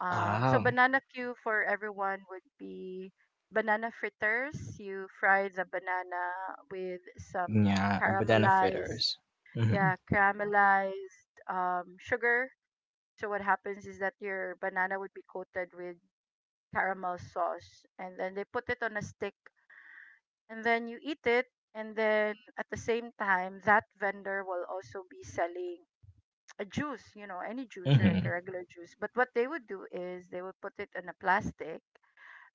Speaker 1: So
Speaker 2: Ah,
Speaker 1: banana queue for everyone would be banana fritters. You fry the banana with some
Speaker 2: yeah, banana
Speaker 1: caramelized,
Speaker 2: fritters. Mm-hmm.
Speaker 1: yeah, caramelized sugar. So what happens is that your banana would be coated with caramel sauce and then they put it on a stick and then you eat it, and then at the same time that vendor will also be selling a juice, you know, any juice or like a
Speaker 2: Mm-hmm.
Speaker 1: regular juice. But what they would do is they would put it in a plastic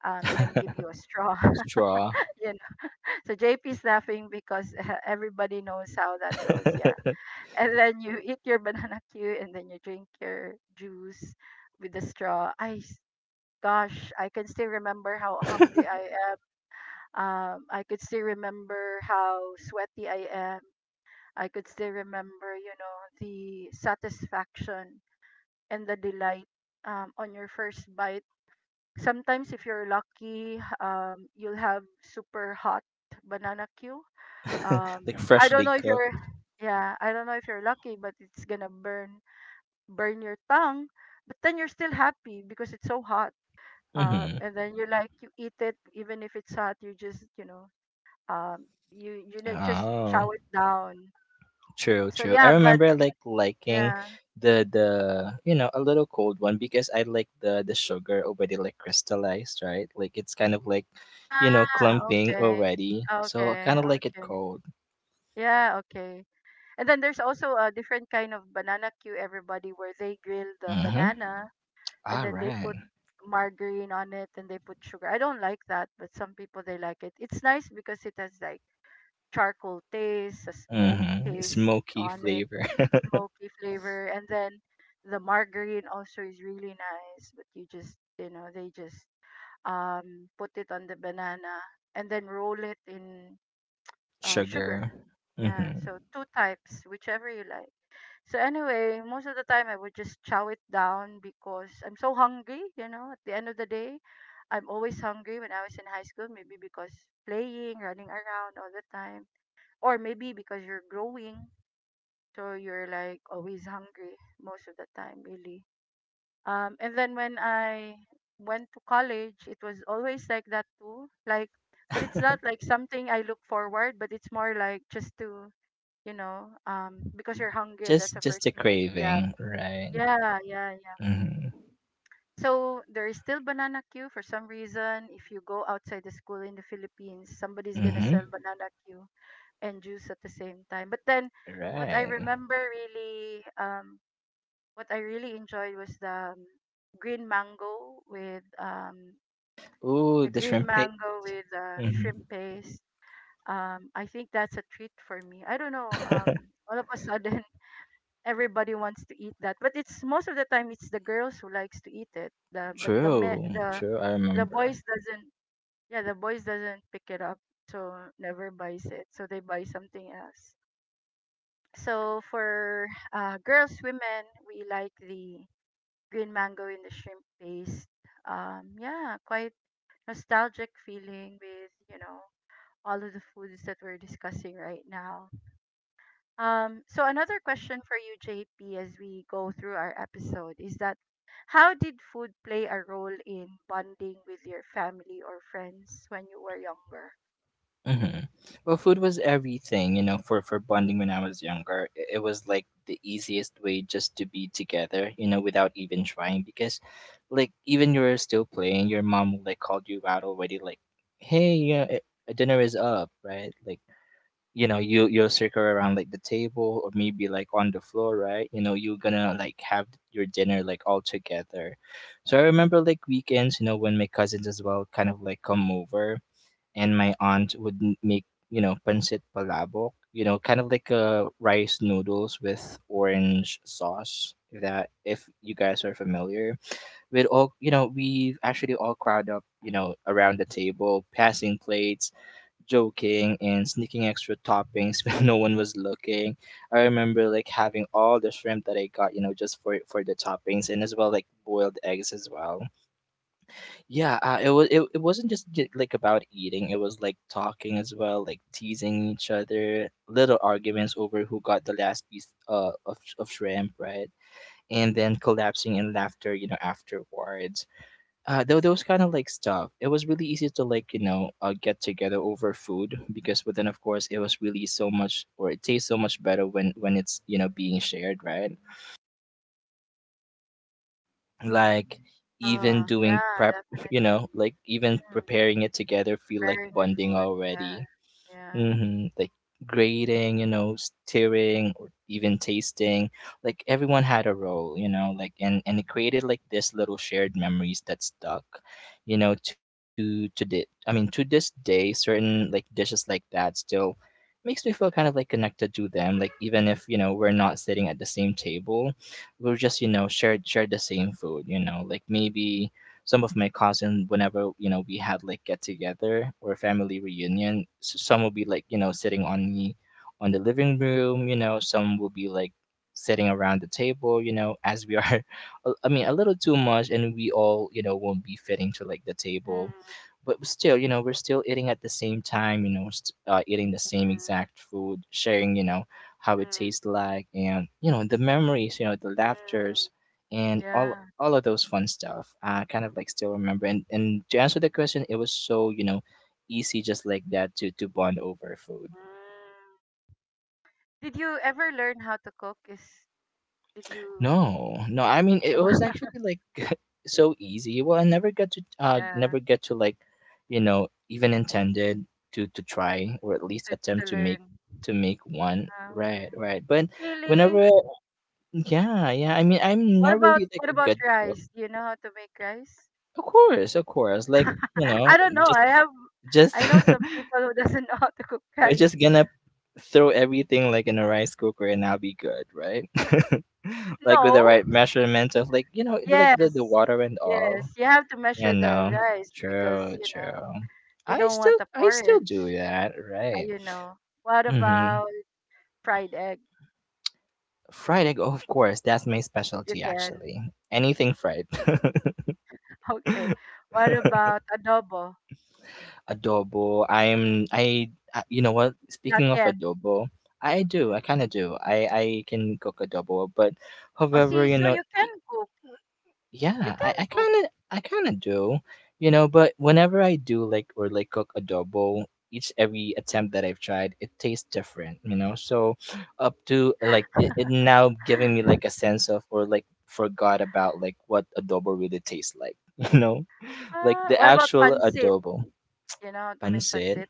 Speaker 1: and give you a straw.
Speaker 2: Straw,
Speaker 1: You know? So JP's laughing because everybody knows how that goes, yeah. And then you eat your banana cue and then you drink your juice with the straw. I Gosh, I can still remember how hungry I am. I could still remember how sweaty I am. I could still remember, you know, the satisfaction and the delight on your first bite. Sometimes, if you're lucky, you'll have super hot banana queue.
Speaker 2: like
Speaker 1: I don't
Speaker 2: freshly
Speaker 1: know if
Speaker 2: cooked.
Speaker 1: you're, yeah, I don't know if you're lucky, but it's gonna burn your tongue. But then you're still happy because it's so hot.
Speaker 2: Mm-hmm.
Speaker 1: And then you like you eat it even if it's hot, you just you know, um you you know just chow
Speaker 2: Oh.
Speaker 1: it down.
Speaker 2: True,
Speaker 1: So
Speaker 2: true. I
Speaker 1: yeah, but
Speaker 2: remember like liking
Speaker 1: yeah,
Speaker 2: the you know a little cold one because I like the sugar already like crystallized, right? Like it's kind of like you know
Speaker 1: ah
Speaker 2: clumping
Speaker 1: okay,
Speaker 2: already, so I
Speaker 1: okay,
Speaker 2: kind of like it
Speaker 1: okay,
Speaker 2: cold.
Speaker 1: yeah, okay. And then there's also a different kind of banana queue everybody where they grill the
Speaker 2: Mm-hmm.
Speaker 1: banana and
Speaker 2: All
Speaker 1: then they
Speaker 2: right.
Speaker 1: put margarine on it and they put sugar. I don't like that, but some people they like it. It's nice because it has like charcoal taste, a smoke
Speaker 2: Mm-hmm.
Speaker 1: taste
Speaker 2: Smoky
Speaker 1: on it,
Speaker 2: flavor,
Speaker 1: smoky flavor, and then the margarine also is really nice. But you just you know they just put it on the banana and then roll it in sugar.
Speaker 2: sugar.
Speaker 1: Yeah,
Speaker 2: Mm-hmm.
Speaker 1: so two types, whichever you like. So anyway, most of the time I would just chow it down because I'm so hungry. You know, at the end of the day, I'm always hungry when I was in high school, maybe because playing, running around all the time, or maybe because you're growing, so you're like always hungry most of the time really. And then when I went to college it was always like that too, like, but it's not like something I look forward, but it's more like just to you know, because you're hungry and that's
Speaker 2: Just
Speaker 1: the
Speaker 2: just
Speaker 1: first
Speaker 2: the
Speaker 1: thing that you grab.
Speaker 2: craving, right?
Speaker 1: Yeah, yeah, yeah.
Speaker 2: Mm-hmm.
Speaker 1: So there is still banana queue for some reason, if you go outside the school in the Philippines somebody's gonna sell
Speaker 2: Mm-hmm.
Speaker 1: banana queue and juice at the same time. But then what I
Speaker 2: Right.
Speaker 1: remember really, what I really enjoyed was the green mango with
Speaker 2: Ooh,
Speaker 1: the
Speaker 2: the
Speaker 1: green
Speaker 2: shrimp paste.
Speaker 1: mango with shrimp
Speaker 2: Mm-hmm.
Speaker 1: paste. I think that's a treat for me. I don't know, all of a sudden everybody wants to eat that, but it's most of the time it's the girls who likes to eat it. The but the me,
Speaker 2: True, true. I
Speaker 1: the
Speaker 2: remember.
Speaker 1: boys doesn't, yeah, the boys doesn't pick it up, so never buys it. So they buy something else. So for girls, women, we like the green mango in the shrimp paste. Yeah, quite nostalgic feeling with you know all of the foods that we're discussing right now. So another question for you, JP, as we go through our episode is that how did food play a role in bonding with your family or friends when you were younger?
Speaker 2: Mhm. Well, food was everything, you know, for bonding when I was younger. It was like the easiest way just to be together, you know, without even trying because like even you were still playing, your mom like called you out already like, "Hey, yeah, dinner is up," right? Like, you know, you you'll circle around like the table or maybe like on the floor, right? You know, you're gonna like have your dinner like all together. So I remember like weekends, you know, when my cousins as well kind of like come over and my aunt would make you know pancit palabok, you know, kind of like a rice noodles with orange sauce, if that if you guys are familiar. We'd all, you know, we actually all crowd up, you know, around the table, passing plates, joking and sneaking extra toppings when no one was looking. I remember like having all the shrimp that I got, you know, just for the toppings and as well like boiled eggs as well. Yeah, it was it wasn't just like about eating. It was like talking as well, like teasing each other, little arguments over who got the last piece of of shrimp, right? And then collapsing in laughter, you know, afterwards. Though those kind of like stuff. It was really easy to like you know get together over food because, but then of course it was really so much, or it tastes so much better when it's you know being shared, right? Like even doing
Speaker 1: Yeah,
Speaker 2: prep you know
Speaker 1: definitely.
Speaker 2: like even
Speaker 1: Mm,
Speaker 2: preparing it together feel like
Speaker 1: preparing the
Speaker 2: bonding
Speaker 1: food, yeah,
Speaker 2: already.
Speaker 1: yeah.
Speaker 2: Mhm, like grading, you know, steering or even tasting. Like everyone had a role, you know, like and it created like this little shared memories that stuck, you know, to the I mean to this day, certain like dishes like that still makes me feel kind of like connected to them. Like even if, you know, we're not sitting at the same table, we'll just, you know, share the same food, you know, like maybe some of my cousins whenever you know we had like get together or family reunion s some will be like you know sitting on the living room, you know, some will be like sitting around the table, you know, as we are. I mean a little too much and we all you know won't be fitting to like the
Speaker 1: Mm.
Speaker 2: table, but still you know we're still eating at the same time, you know, eating the same
Speaker 1: Mm,
Speaker 2: exact food, sharing, you know, how it
Speaker 1: mm,
Speaker 2: tastes like and you know the memories, you know, the
Speaker 1: mm,
Speaker 2: laughters and
Speaker 1: yeah.
Speaker 2: all of those fun stuff I kind of like still remember. And to answer the question it was so you know easy just like that to bond over food.
Speaker 1: Mm. Did you ever learn how to cook? Is did you
Speaker 2: No I mean it was
Speaker 1: know?
Speaker 2: actually like so easy. Well I never got to
Speaker 1: Yeah,
Speaker 2: never get to like you know even intended to try or at least attempt
Speaker 1: to learn.
Speaker 2: to make one,
Speaker 1: Ah, okay.
Speaker 2: right, right. But
Speaker 1: Really?
Speaker 2: whenever. Yeah, yeah I mean I'm not really like
Speaker 1: What
Speaker 2: a
Speaker 1: about
Speaker 2: good cook.
Speaker 1: rice? Do you know how to make rice?
Speaker 2: Of course, of course, like you know
Speaker 1: I don't know.
Speaker 2: just
Speaker 1: I have.
Speaker 2: just
Speaker 1: I know some people who doesn't know how to cook
Speaker 2: we're
Speaker 1: rice.
Speaker 2: just gonna throw everything like in a rice cooker and I'll be good, right? Like with
Speaker 1: No.
Speaker 2: the right measurement of like you know the- like the
Speaker 1: Yes.
Speaker 2: water and all.
Speaker 1: Yes. You have to
Speaker 2: You
Speaker 1: measure the
Speaker 2: know,
Speaker 1: rice because
Speaker 2: true,
Speaker 1: you know
Speaker 2: true.
Speaker 1: you
Speaker 2: I
Speaker 1: don't
Speaker 2: still
Speaker 1: want a
Speaker 2: I still
Speaker 1: porridge.
Speaker 2: do that, right?
Speaker 1: You know. What
Speaker 2: Mm-hmm.
Speaker 1: about fried egg?
Speaker 2: Fried egg, of course, that's my
Speaker 1: You
Speaker 2: specialty
Speaker 1: can.
Speaker 2: actually. Anything fried.
Speaker 1: Okay. What about adobo?
Speaker 2: Adobo. I you know what?
Speaker 1: Not
Speaker 2: Speaking of
Speaker 1: yet.
Speaker 2: adobo, I do. I
Speaker 1: Mm.
Speaker 2: kind of do. I can cook adobo, but
Speaker 1: Oh,
Speaker 2: however,
Speaker 1: see,
Speaker 2: you
Speaker 1: so
Speaker 2: know,
Speaker 1: you can cook. You
Speaker 2: yeah, I,
Speaker 1: can
Speaker 2: I
Speaker 1: cook.
Speaker 2: kind of I kind of do, you know. But whenever I do like or like cook adobo, each every attempt that I've tried, it tastes different, you know. So up to like it now giving me like a sense of or like forgot about like what adobo really tastes like, you know, like the
Speaker 1: What about
Speaker 2: actual
Speaker 1: pancit?
Speaker 2: adobo
Speaker 1: You know, to make
Speaker 2: pancit.
Speaker 1: pancit?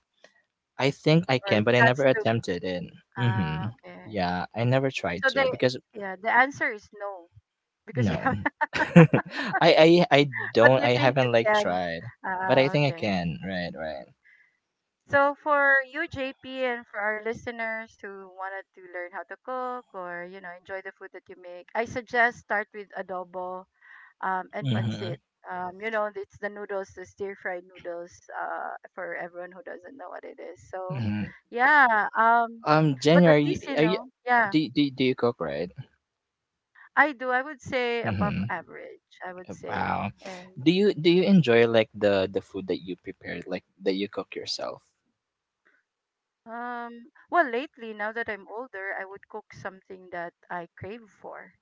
Speaker 2: I think I
Speaker 1: Or
Speaker 2: can,
Speaker 1: it-
Speaker 2: but I
Speaker 1: that's
Speaker 2: never
Speaker 1: too.
Speaker 2: attempted it.
Speaker 1: Ah,
Speaker 2: Mm-hmm.
Speaker 1: okay.
Speaker 2: Yeah, I never tried
Speaker 1: So
Speaker 2: to
Speaker 1: the
Speaker 2: because
Speaker 1: yeah, the answer is no because you
Speaker 2: no.
Speaker 1: have,
Speaker 2: I
Speaker 1: but
Speaker 2: don't
Speaker 1: you
Speaker 2: I
Speaker 1: think you
Speaker 2: haven't like
Speaker 1: can.
Speaker 2: tried, but I
Speaker 1: Ah,
Speaker 2: think I
Speaker 1: okay.
Speaker 2: can. Right, right.
Speaker 1: So for you, JP, and for our listeners who wanted to learn how to cook or you know enjoy the food that you make, I suggest start with adobo and
Speaker 2: Mhm.
Speaker 1: pancit. You know, it's the noodles, the stir fried noodles. For everyone who doesn't know what it is. So,
Speaker 2: Mhm.
Speaker 1: yeah. But
Speaker 2: January,
Speaker 1: at least you
Speaker 2: are you
Speaker 1: know, yeah,
Speaker 2: do you- do you- do you cook, right?
Speaker 1: I do. I would say above
Speaker 2: Mhm.
Speaker 1: average. I would say,
Speaker 2: Wow.
Speaker 1: and
Speaker 2: Do you enjoy like the food that you prepared like that you cook yourself?
Speaker 1: um, well, lately now that I'm older, I would cook something that I crave for.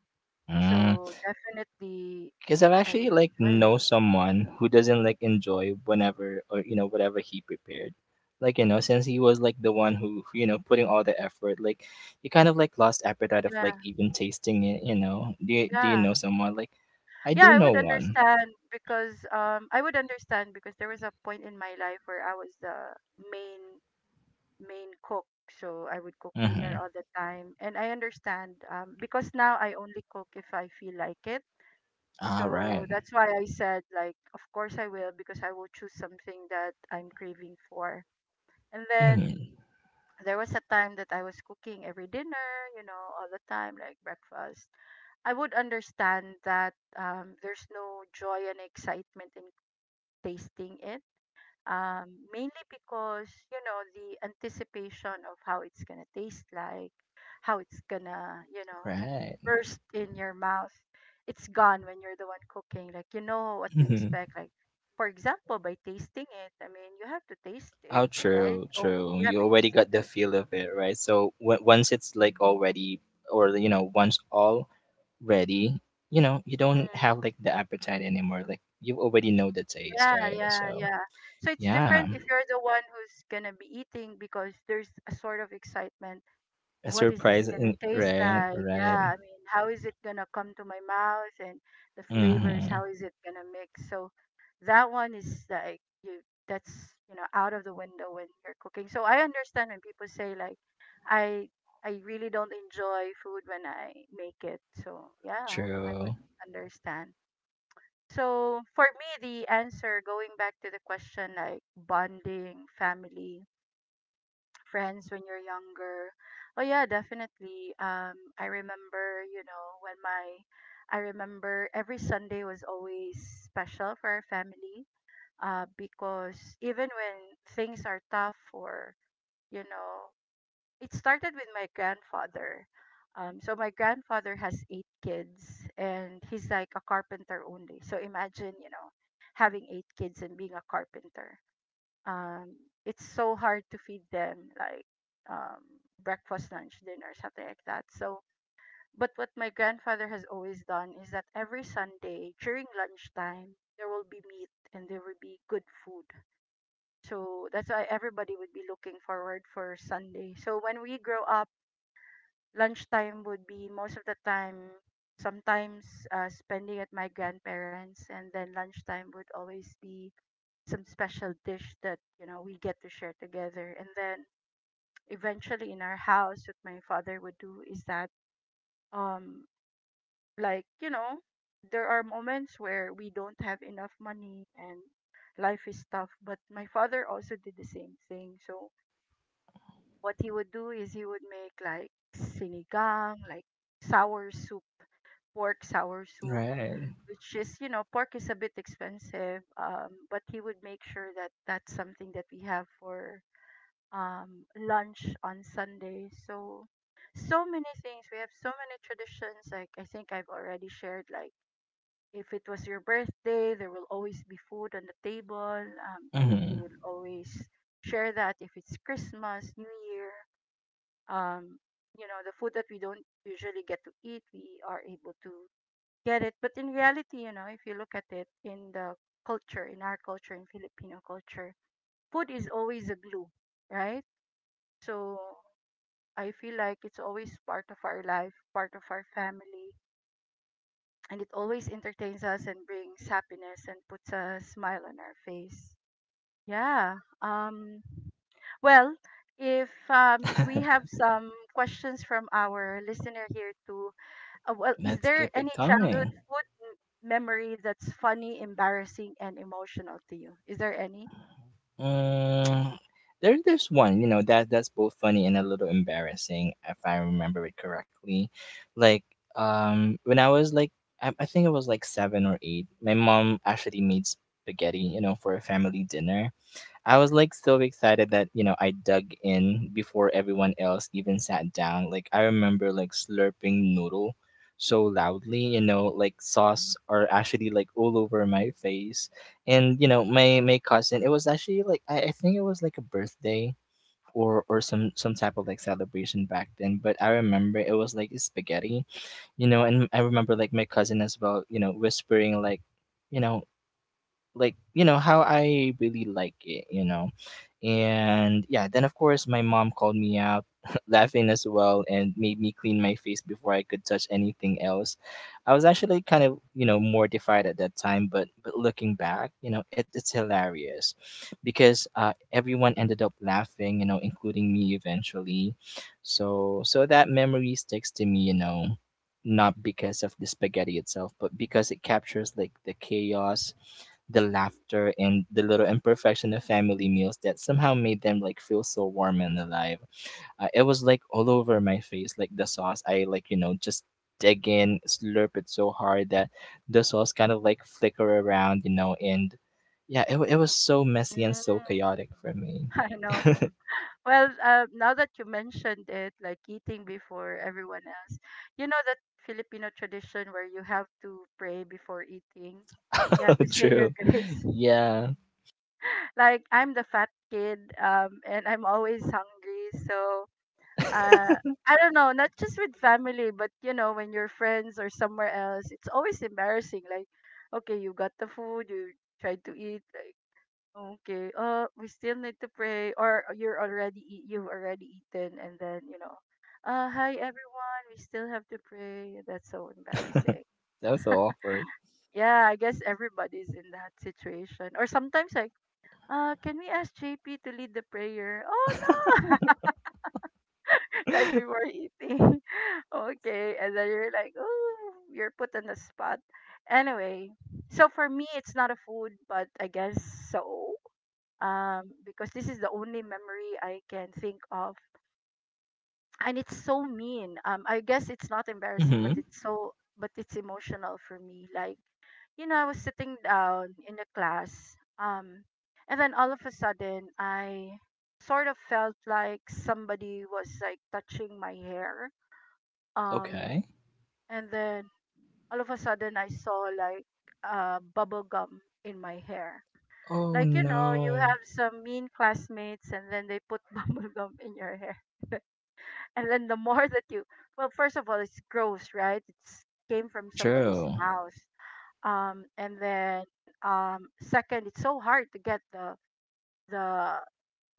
Speaker 2: Mm.
Speaker 1: So definitely,
Speaker 2: Because I've
Speaker 1: I
Speaker 2: actually
Speaker 1: would
Speaker 2: like
Speaker 1: enjoy it.
Speaker 2: know someone who doesn't like enjoy whenever or you know whatever he prepared. Like you know, since he was like the one who you know putting all the effort, like he kind of like lost appetite of
Speaker 1: Yeah,
Speaker 2: like even tasting it. You know, do you
Speaker 1: yeah.
Speaker 2: know someone like I
Speaker 1: Yeah,
Speaker 2: do
Speaker 1: I
Speaker 2: know
Speaker 1: would
Speaker 2: one.
Speaker 1: understand because I would understand because there was a point in my life where I was the main main cook. So I would cook dinner
Speaker 2: Mm-hmm.
Speaker 1: all the time and I understand because now I only cook if I feel like it.
Speaker 2: All
Speaker 1: So
Speaker 2: right.
Speaker 1: that's why I said like of course I will because I will choose something that I'm craving for. And then
Speaker 2: Mm-hmm.
Speaker 1: there was a time that I was cooking every dinner, you know, all the time like breakfast. I would understand that, there's no joy and excitement in tasting it. Mainly because, you know, the anticipation of how it's gonna taste like, how it's gonna, you know,
Speaker 2: Right.
Speaker 1: burst in your mouth. It's gone when you're the one cooking. Like you know what to
Speaker 2: Mm-hmm.
Speaker 1: expect. Like for example, by tasting it, I mean you have to taste it,
Speaker 2: Oh,
Speaker 1: right?
Speaker 2: true,
Speaker 1: Oh
Speaker 2: true.
Speaker 1: yeah,
Speaker 2: You already
Speaker 1: because
Speaker 2: got the
Speaker 1: like
Speaker 2: feel of it, right? So once it's like already, or you know, once all ready, you know, you don't
Speaker 1: mm,
Speaker 2: have like the appetite anymore. Like you already know the taste,
Speaker 1: yeah,
Speaker 2: right?
Speaker 1: yeah,
Speaker 2: So
Speaker 1: yeah. So it's
Speaker 2: yeah,
Speaker 1: different if you're the one who's gonna be eating because there's a sort of excitement,
Speaker 2: a
Speaker 1: what is this
Speaker 2: surprise
Speaker 1: gonna
Speaker 2: in,
Speaker 1: taste
Speaker 2: right,
Speaker 1: like?
Speaker 2: right.
Speaker 1: Yeah, I mean, how is it gonna come to my mouth and the flavors?
Speaker 2: Mm-hmm.
Speaker 1: How is it gonna mix? So that one is like you, that's you know out of the window when you're cooking. So I understand when people say like I I really don't enjoy food when I make it. So yeah, I would
Speaker 2: True.
Speaker 1: understand. So for me, the answer going back to the question like bonding, family, friends when you're younger. Oh yeah, definitely. I remember, you know, when my I remember every Sunday was always special for our family. Because even when things are tough or you know, it started with my grandfather. So my grandfather has eight kids, and he's like a carpenter only. So imagine, you know, having eight kids and being a carpenter um it's so hard to feed them like um breakfast, lunch, dinner, something like that. So but what my grandfather has always done is that every Sunday during lunchtime there will be meat and there will be good food. So that's why everybody would be looking forward for Sunday. So when we grow up, lunchtime would be most of the time, sometimes spending at my grandparents, and then lunchtime would always be some special dish that, you know, we get to share together. And then eventually in our house what my father would do is that, um like you know, there are moments where we don't have enough money and life is tough, but my father also did the same thing. So what he would do is he would make like sinigang, like sour soup, pork sour soup,
Speaker 2: Right.
Speaker 1: which is, you know, pork is a bit expensive, um, but he would make sure that that's something that we have for lunch on Sunday. So, so many things. We have so many traditions. Like, I think I've already shared, like, if it was your birthday, there will always be food on the table, and you
Speaker 2: Mm-hmm.
Speaker 1: will always share that. If it's Christmas, New Year, um, you know, the food that we don't usually get to eat, we are able to get it. But in reality, you know, if you look at it in the culture, in our culture, in Filipino culture, food is always a glue, right? So I feel like it's always part of our life, part of our family, and it always entertains us and brings happiness and puts a smile on our face. Yeah. Well, if we have some questions from our listener here too. Well, is
Speaker 2: Let's
Speaker 1: there
Speaker 2: keep
Speaker 1: any
Speaker 2: it
Speaker 1: childhood
Speaker 2: coming.
Speaker 1: food memory that's funny, embarrassing and emotional to you? Is there any?
Speaker 2: Mm, there's one, you know, that that's both funny and a little embarrassing if I remember it correctly. Like, when I was like, I think it was like seven or eight. My mom actually made spaghetti, you know, for a family dinner. I was like so excited that, you know, I dug in before everyone else even sat down. Like I remember like slurping noodle so loudly, you know, like sauce are actually like all over my face. And, you know, my cousin, it was actually like I think it was like a birthday or some type of like celebration back then. But I remember it was like spaghetti, you know, and I remember like my cousin as well, you know, whispering you know, like you know how I really like it, you know, and yeah, then of course my mom called me out, laughing as well, and made me clean my face before I could touch anything else. I was actually kind of, you know, mortified at that time, but looking back, you know, it's hilarious because everyone ended up laughing, you know, including me eventually. So that memory sticks to me, you know, not because of the spaghetti itself, but because it captures like the chaos, the laughter and the little imperfection of family meals that somehow made them like feel so warm and alive. It was like all over my face, like the sauce. I like you know just dig in, slurp it so hard that the sauce kind of like flicker around, you know, and yeah, it was so messy and so
Speaker 1: Mm,
Speaker 2: chaotic for me.
Speaker 1: I know. Well, now that you mentioned it, like eating before everyone else, you know that Filipino tradition where you have to pray before eating. You have to say your
Speaker 2: True.
Speaker 1: grace.
Speaker 2: Yeah,
Speaker 1: Like I'm the fat kid, and I'm always hungry. So,
Speaker 2: that
Speaker 1: uh, I don't know, not just with family, but you know, when you're friends or somewhere else, it's always embarrassing. Like, okay, you got the food, you tried to eat. Like. Okay. We still need to pray, or you're already eat, you've already eaten, and then you know, hi everyone. We still have to pray. That's so embarrassing.
Speaker 2: was so awkward.
Speaker 1: Yeah, I guess everybody's in that situation. Or sometimes like, can we ask JP to lead the prayer? Oh no! Right before eating. Okay, and then you're like, oh, you're put on the spot. Anyway, so for me, it's not a food, but I guess so. Because this is the only memory I can think of, and it's so mean. I guess it's not embarrassing, but
Speaker 2: Mm-hmm.
Speaker 1: it's emotional for me. Like you know, I was sitting down in a class, and then all of a sudden, I sort of felt like somebody was like touching my hair, um,
Speaker 2: Okay.
Speaker 1: and then all of a sudden, I saw like bubble gum in my hair.
Speaker 2: Oh
Speaker 1: Like, you know, you
Speaker 2: no.
Speaker 1: have some mean classmates and then they put bubble gum in your hair. And then the more that you, Well, first of all, it's gross, right? It's came from somebody's
Speaker 2: True.
Speaker 1: mouth. And then, second, it's so hard to get the,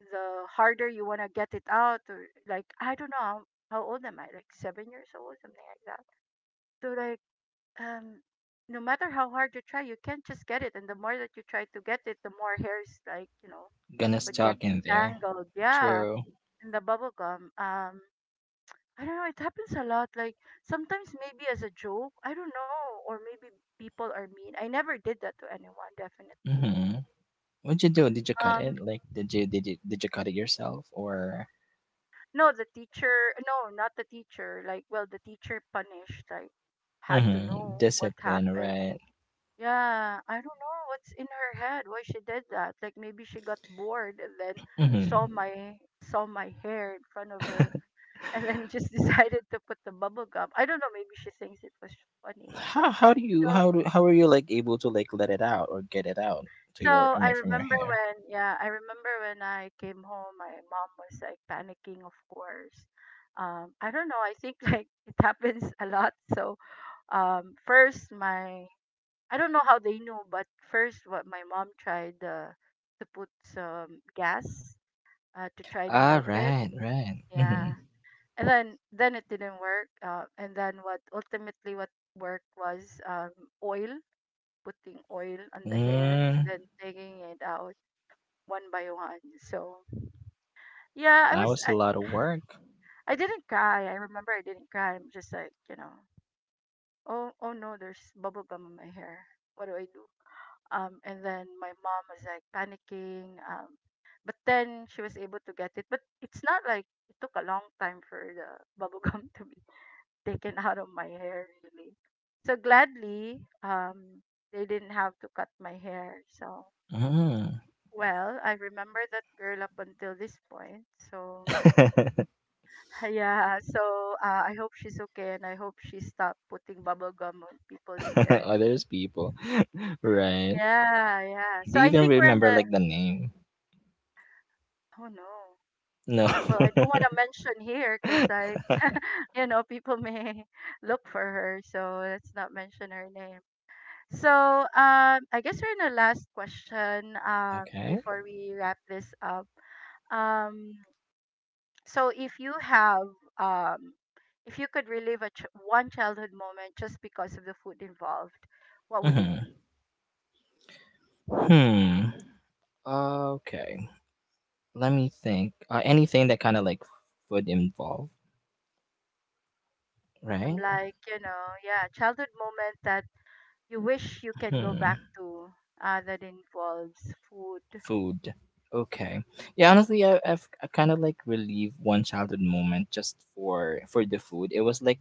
Speaker 1: the harder you want to get it out. Or like, I don't know, how old am I? Like 7 years old, something like that. So like, um, no matter how hard you try, you can't just get it. And the more that you try to get it, the more hairs like, you know,
Speaker 2: Gonna
Speaker 1: would get
Speaker 2: stuck in there.
Speaker 1: entangled. Yeah,
Speaker 2: True.
Speaker 1: in the bubble gum. I don't know. It happens a lot. Like sometimes maybe as a joke. I don't know, or maybe people are mean. I never did that to anyone. Definitely.
Speaker 2: Mm-hmm. What'd you do? Did you cut
Speaker 1: Um,
Speaker 2: it? Like, did you cut it yourself or
Speaker 1: no, the teacher. No, not the teacher. Like, well, the teacher punished. Like, had to
Speaker 2: mhm
Speaker 1: know what
Speaker 2: discipline,
Speaker 1: happened.
Speaker 2: right?
Speaker 1: Yeah, I don't know what's in her head. Why she did that? Like maybe she got bored and then
Speaker 2: Hmm.
Speaker 1: saw my hair in front of her and then just decided to put the bubble gum. I don't know, maybe she thinks it was funny.
Speaker 2: How do you
Speaker 1: So
Speaker 2: how do how are you like able to like let it out or get it out to your
Speaker 1: so
Speaker 2: I
Speaker 1: I
Speaker 2: mean from your
Speaker 1: remember
Speaker 2: hair?
Speaker 1: when, yeah, I remember when I came home my mom was like panicking, of course. Um, I don't know, I think like it happens a lot. So first my I don't know how they knew, but first what my mom tried to put some gas to try to
Speaker 2: Ah,
Speaker 1: melt it.
Speaker 2: right, right.
Speaker 1: Yeah.
Speaker 2: Mm-hmm.
Speaker 1: And then it didn't work, and then what ultimately what worked was, oil, putting oil on the hair and
Speaker 2: Mm,
Speaker 1: then taking it out one by one. So yeah,
Speaker 2: that was a lot of work.
Speaker 1: I didn't cry. I remember I didn't cry, I'm just like, you know, oh, oh no, there's bubble gum on my hair, what do I do. Um, and then my mom was like panicking, um, but then she was able to get it, but it's not like it took a long time for the bubble gum to be taken out of my hair, really. So gladly, they didn't have to cut my hair. So
Speaker 2: Mm.
Speaker 1: well, I remember that girl up until this point. So yeah, so I hope she's okay and I hope she stopped putting bubble gum on people's hair.
Speaker 2: Others people, right?
Speaker 1: Yeah, yeah.
Speaker 2: Do
Speaker 1: So
Speaker 2: you
Speaker 1: I
Speaker 2: even
Speaker 1: think we're in
Speaker 2: remember
Speaker 1: a,
Speaker 2: like the name?
Speaker 1: oh no.
Speaker 2: No.
Speaker 1: Well, I don't want to mention here because like you know people may look for her, so let's not mention her name. So, I guess we're in the last question,
Speaker 2: Okay.
Speaker 1: before we wrap this up. Um, so, if you have, um, if you could relive a one childhood moment just because of the food involved, what would it
Speaker 2: Mm-hmm.
Speaker 1: be?
Speaker 2: Hmm. Okay. Let me think. Anything that kind of like food involved, right?
Speaker 1: Like, you know, yeah, childhood moment that you wish you can go back
Speaker 2: Hmm.
Speaker 1: to, that involves food.
Speaker 2: Food. Okay. Yeah, honestly, I kind of like relieved one childhood moment just for the food. It was like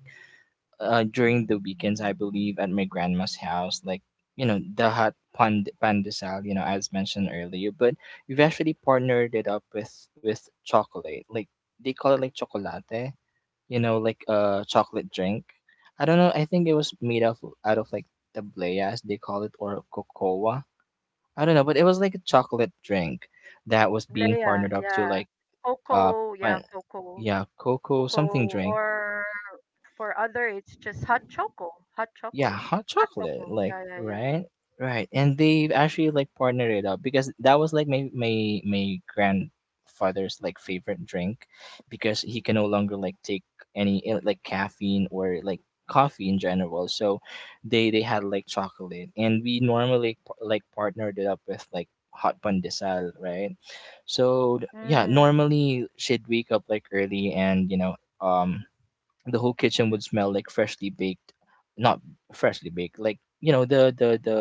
Speaker 2: during the weekends, I believe, at my grandma's house, like you know the hot pandesal, you know, as mentioned earlier. But we've actually partnered it up with chocolate, like they call it like chocolate, you know, like a chocolate drink. I don't know. I think it was made of out of like tablea, as they call it, or cocoa. I don't know, but it was like a chocolate drink that was being
Speaker 1: Tableya,
Speaker 2: partnered up to
Speaker 1: yeah.
Speaker 2: like uh,
Speaker 1: Coco, yeah,
Speaker 2: pan-
Speaker 1: coco.
Speaker 2: yeah, cocoa
Speaker 1: Coco,
Speaker 2: something drink.
Speaker 1: or for other, it's just hot choco, hot
Speaker 2: Yeah,
Speaker 1: choco,
Speaker 2: hot
Speaker 1: hot
Speaker 2: chocolate,
Speaker 1: cocoa.
Speaker 2: like
Speaker 1: Yeah, yeah, yeah,
Speaker 2: right, right, and they actually like partnered it up because that was like my my grandfather's like favorite drink, because he can no longer like take any like caffeine or like coffee in general. So they had like chocolate, and we normally like partnered it up with like hot pandesal, right? So
Speaker 1: yeah.
Speaker 2: yeah,
Speaker 1: Mm,
Speaker 2: normally she'd wake up like early and you know the whole kitchen would smell like freshly baked, not freshly baked like you know the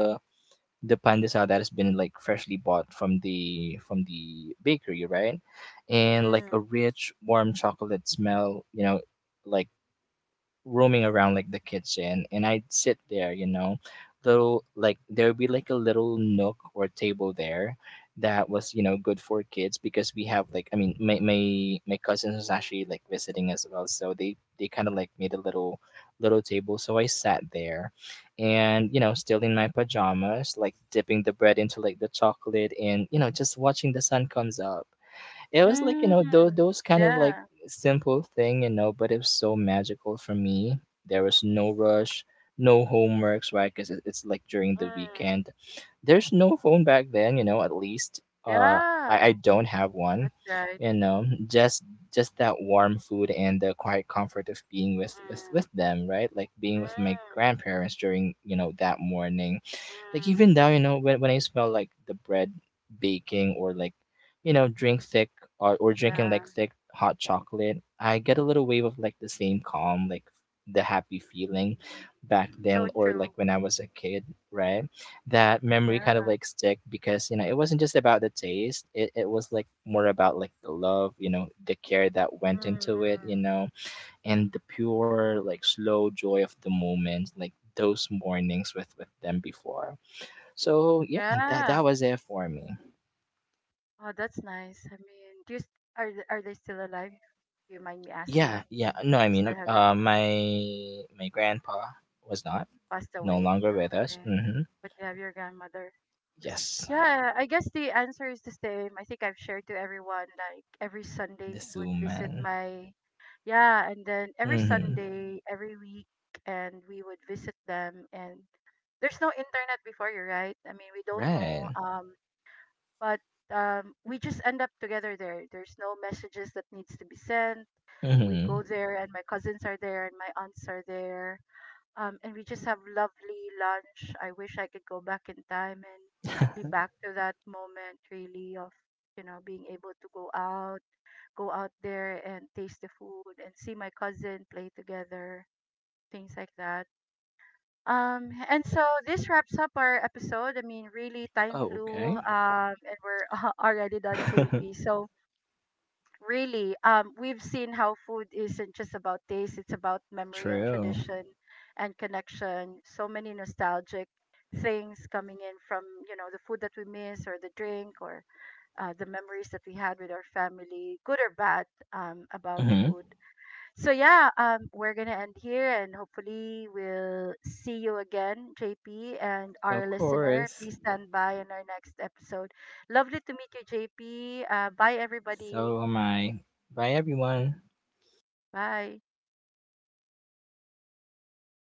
Speaker 2: the pandesal that has been like freshly bought from the bakery, right? And
Speaker 1: mm,
Speaker 2: like a rich warm chocolate smell you know like roaming around like the kitchen, and I'd sit there, you know. Little like there'd be like a little nook or table there that was, you know, good for kids because we have like I mean my cousins was actually like visiting as well. So they kinda like made a little little table. So I sat there and, you know, still in my pajamas, like dipping the bread into like the chocolate and, you know, just watching the sun comes up. It was like you
Speaker 1: mm.
Speaker 2: know those kind of like
Speaker 1: Yeah,
Speaker 2: simple thing you know but it was so magical for me. There was no rush, no homeworks, right? Because it's like during the
Speaker 1: mm,
Speaker 2: weekend, there's no phone back then you know at least uh
Speaker 1: yeah.
Speaker 2: I don't have one
Speaker 1: That's right.
Speaker 2: you know. Just that warm food and the quiet comfort of being with with
Speaker 1: Mm,
Speaker 2: with them, right? Like being with my
Speaker 1: mm,
Speaker 2: grandparents during you know that morning. Like
Speaker 1: mm.
Speaker 2: even now, you know, when I smell like the bread baking or like, you know, drink thick or drinking
Speaker 1: Yeah,
Speaker 2: like thick hot chocolate, I get a little wave of like the same calm, like the happy feeling back then
Speaker 1: so
Speaker 2: or like
Speaker 1: true.
Speaker 2: when I was a kid, right? That memory kind
Speaker 1: Yeah.
Speaker 2: of like stick because, you know, it wasn't just about the taste. It was like more about like the love, you know, the care that
Speaker 1: Mm,
Speaker 2: went
Speaker 1: mm.
Speaker 2: into it, you know, and the pure like slow joy of the moment, like those mornings with them before. So yeah, that
Speaker 1: Yeah.
Speaker 2: that was it for me.
Speaker 1: Oh, that's nice. I mean, do you, are are they still alive? Do you mind me asking?
Speaker 2: Yeah, yeah. No, I
Speaker 1: You
Speaker 2: mean,
Speaker 1: still have them,
Speaker 2: my grandpa was not
Speaker 1: like, passed
Speaker 2: no
Speaker 1: away?
Speaker 2: longer
Speaker 1: Ah,
Speaker 2: with us.
Speaker 1: okay.
Speaker 2: Mm-hmm.
Speaker 1: But you have your grandmother.
Speaker 2: Yes,
Speaker 1: Yeah, I guess the answer is the same. I think I've shared to everyone, like every Sunday
Speaker 2: the
Speaker 1: we would
Speaker 2: Sioux
Speaker 1: visit
Speaker 2: man.
Speaker 1: my, yeah, and then every
Speaker 2: Mm-hmm.
Speaker 1: Sunday, every week, and we would visit them. And there's no internet before, you, right? I mean, we don't
Speaker 2: Right.
Speaker 1: know, um, but um, we just end up together there. There's no messages that needs to be sent. We
Speaker 2: Mm-hmm.
Speaker 1: go there and my cousins are there and my aunts are there, and we just have lovely lunch. I wish I could go back in time and be back to that moment really of, you know, being able to go out there and taste the food and see my cousin play together, things like that. And so this wraps up our episode. I mean, really, time
Speaker 2: Oh,
Speaker 1: flew,
Speaker 2: okay.
Speaker 1: and we're already done, JP. So, really, we've seen how food isn't just about taste, it's about memory and
Speaker 2: True.
Speaker 1: tradition and connection. So many nostalgic things coming in from, you know, the food that we miss or the drink or the memories that we had with our family, good or bad, about
Speaker 2: Mm-hmm.
Speaker 1: food. So, yeah, we're going to end here and hopefully we'll see you again, JP, and our
Speaker 2: Of
Speaker 1: listener.
Speaker 2: course.
Speaker 1: Please stand by in our next episode. Lovely to meet you, JP. Bye, everybody.
Speaker 2: So am I. Bye, everyone.
Speaker 1: Bye.